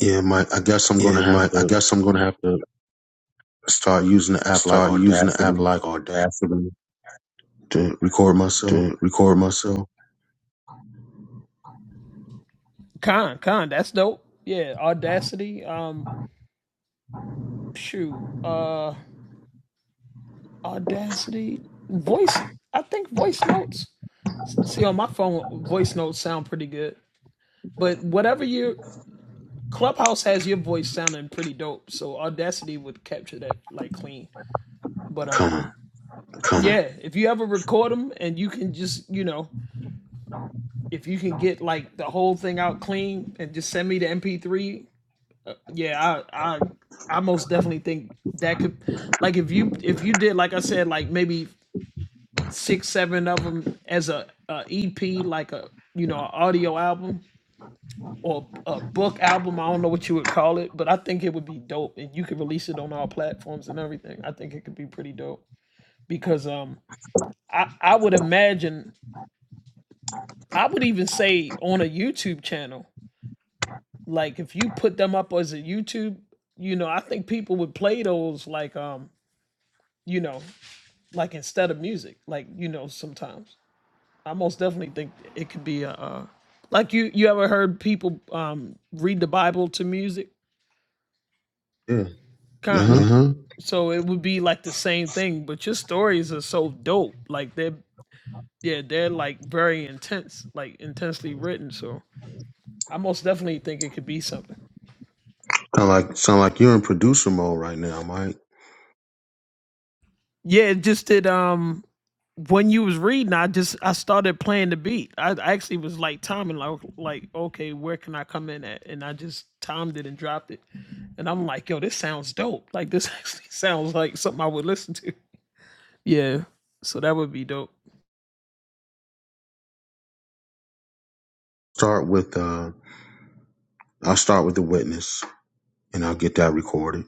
Speaker 2: Yeah, my, I guess I'm
Speaker 7: Yeah,
Speaker 2: gonna have
Speaker 7: my I
Speaker 2: to
Speaker 7: guess I'm gonna have to
Speaker 2: start using the app like
Speaker 7: start using the app
Speaker 2: Audacity
Speaker 7: like Audacity
Speaker 2: to record myself.
Speaker 7: to record myself.
Speaker 2: Come on. Yeah. Uh huh.
Speaker 7: Uh-huh.
Speaker 2: Kind of like sound like you're in producer mode right now, Mike. Start with uh, I'll start with the witness, and I'll get that recorded.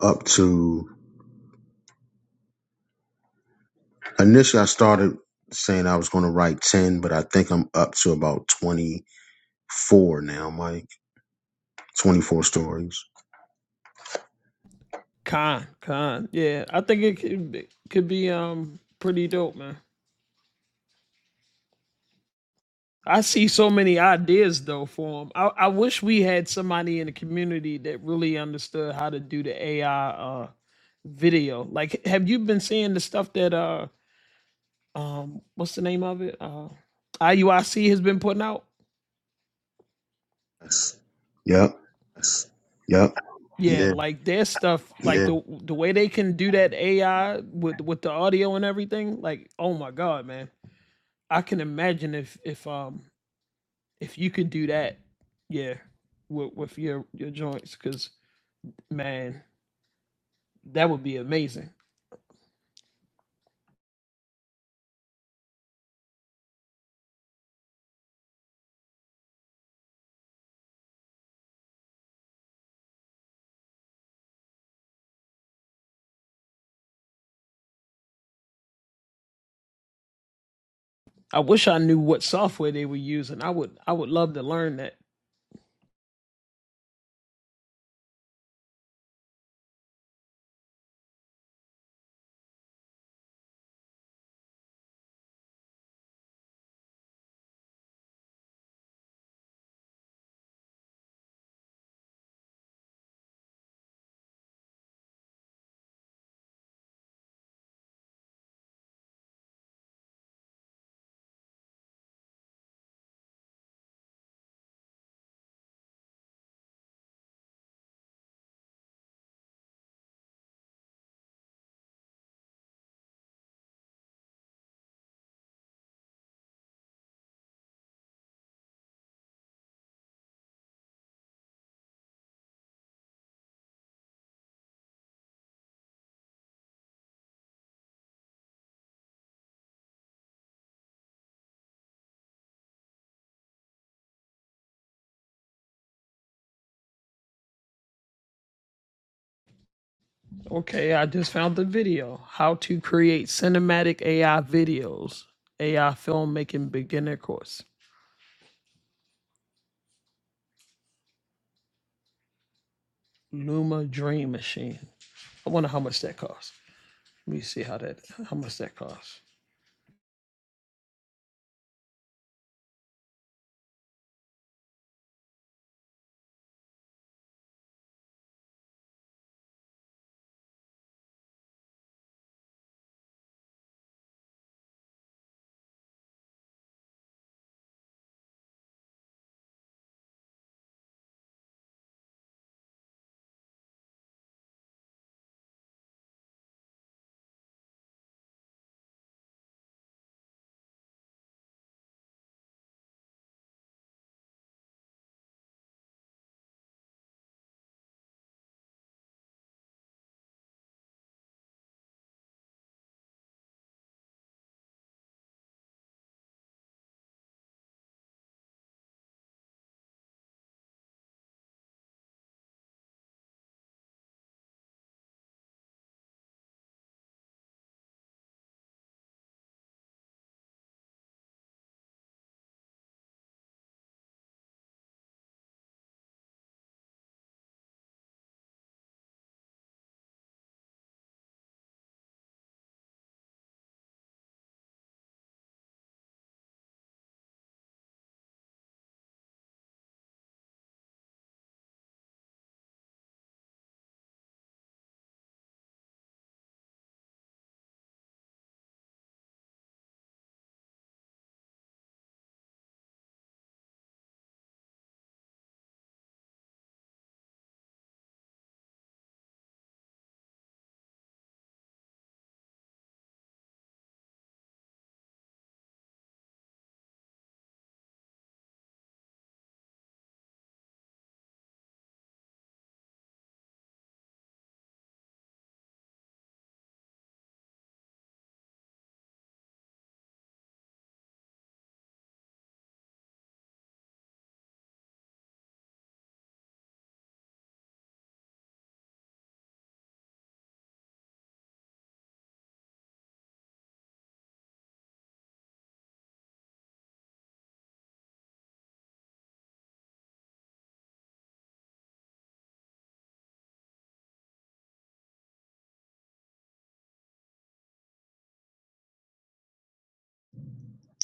Speaker 2: Up to initially, I started saying I was going to write ten, but I think I'm up to about twenty four now, Mike. Twenty four stories. Yes. Yep.
Speaker 7: Yep.
Speaker 2: Yeah.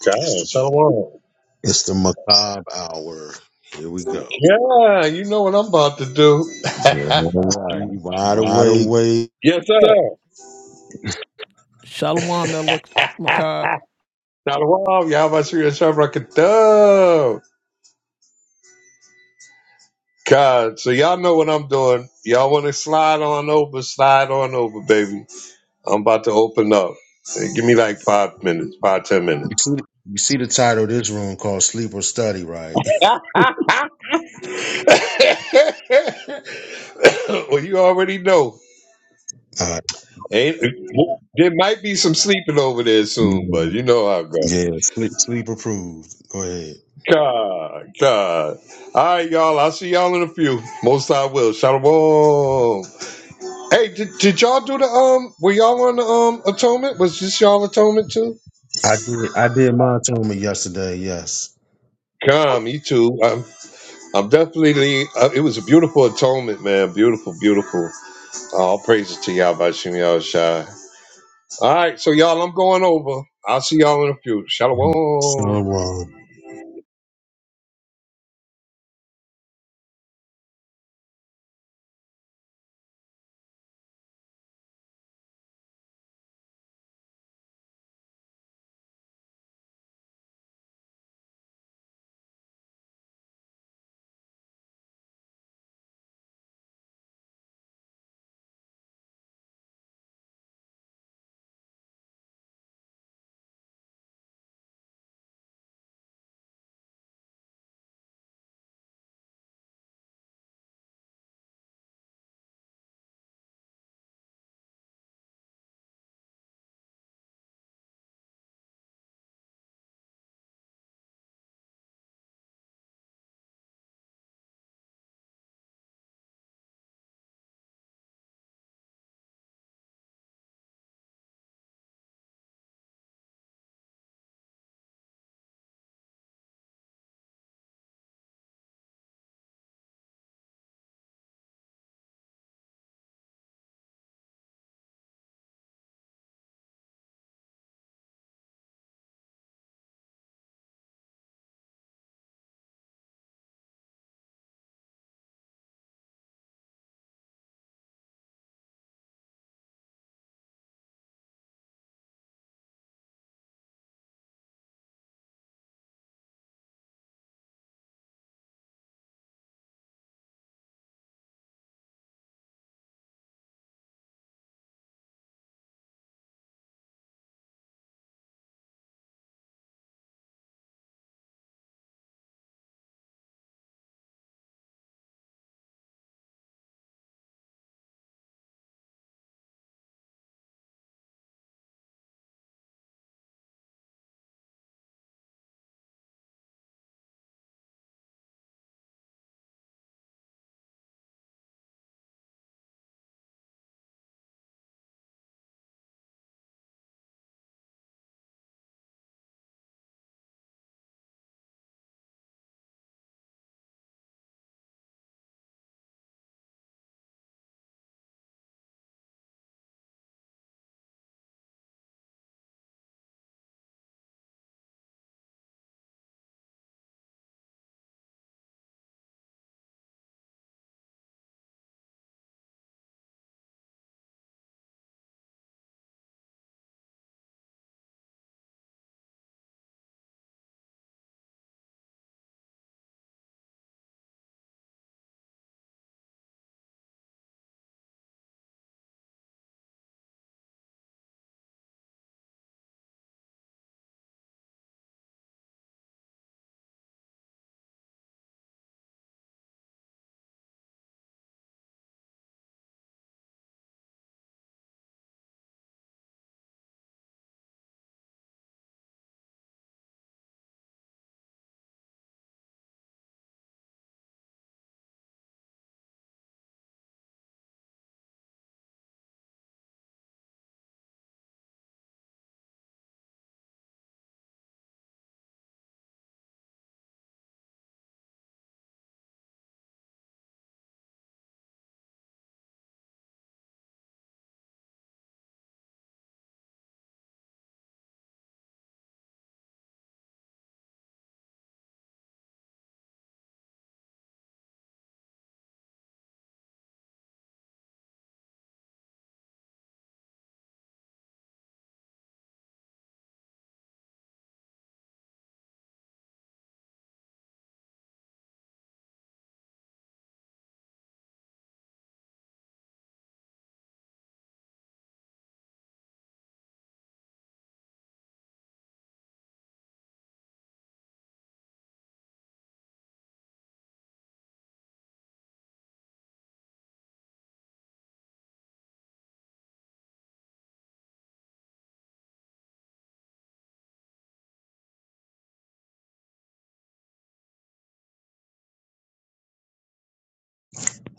Speaker 8: not
Speaker 2: It's
Speaker 8: God,
Speaker 2: the,
Speaker 8: Shalom.
Speaker 2: it's the macabre hour. Here we go.
Speaker 8: Yeah, you know what I'm about to do.
Speaker 2: Yeah, all right. You wide
Speaker 7: Right
Speaker 2: awake.
Speaker 7: away.
Speaker 8: yes, sir. Shalom. Y'all about to shoot God, so y'all know what I'm doing. Y'all want to slide on over, slide on over, baby. I'm about to open up. Hey, Give me like five minutes, five, ten minutes.
Speaker 2: You see, you see the title of this room called Sleep or Study, right?
Speaker 8: well, you already know.
Speaker 2: All right.
Speaker 8: Ain't, there might be some sleeping over there soon,
Speaker 2: Yeah.
Speaker 8: but you know how it goes.
Speaker 2: yeah. Sleep sleep approved. Go ahead.
Speaker 8: God, God. All right, y'all. I'll see y'all in a few. Most I will. Shalom. Hey, did, did y'all do the um? Were y'all on the um atonement? Was this y'all atonement too?
Speaker 2: I did I did my atonement yesterday, yes.
Speaker 8: God, me too. I'm, I'm definitely. Uh, it was a beautiful atonement, man. Beautiful, beautiful. All praises to y'all by Shimmy All Shai. All right, so y'all, I'm going over. I'll see y'all in a few.
Speaker 2: So
Speaker 8: Shalom.
Speaker 2: uh,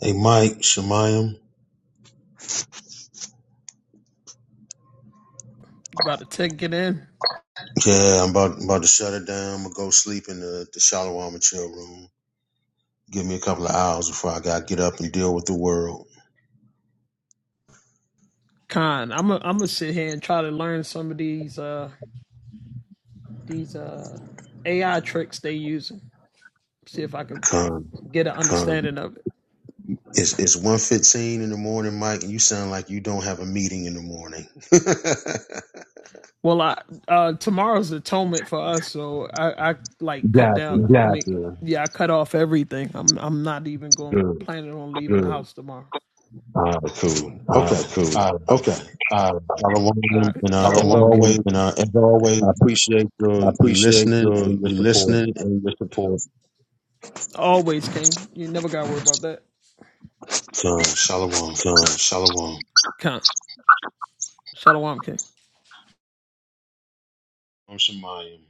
Speaker 2: hey Mike, Shemayim. Yeah, I'm about about to shut it down. I'm gonna go sleep in the, the Shalom and chill room. Give me a couple of hours before I gotta get up and deal with the world. Come, it's it's one fifteen in the morning, Mike, and you sound like you don't have a meeting in the morning. yeah,
Speaker 7: Yeah.
Speaker 2: good. All right, cool.
Speaker 7: All
Speaker 2: Okay.
Speaker 7: right,
Speaker 2: All
Speaker 7: cool.
Speaker 2: right.
Speaker 7: Okay. All right.
Speaker 2: Y'all are welcome. And uh, as
Speaker 7: Um,
Speaker 2: always,
Speaker 7: And uh, as always,
Speaker 2: I appreciate
Speaker 7: I
Speaker 2: your you
Speaker 7: appreciate
Speaker 2: listening
Speaker 7: your
Speaker 2: and your
Speaker 7: you
Speaker 2: support.
Speaker 7: listening and your support.
Speaker 2: Come, shalom.
Speaker 7: Um, shalom.
Speaker 2: I'm Shemayim.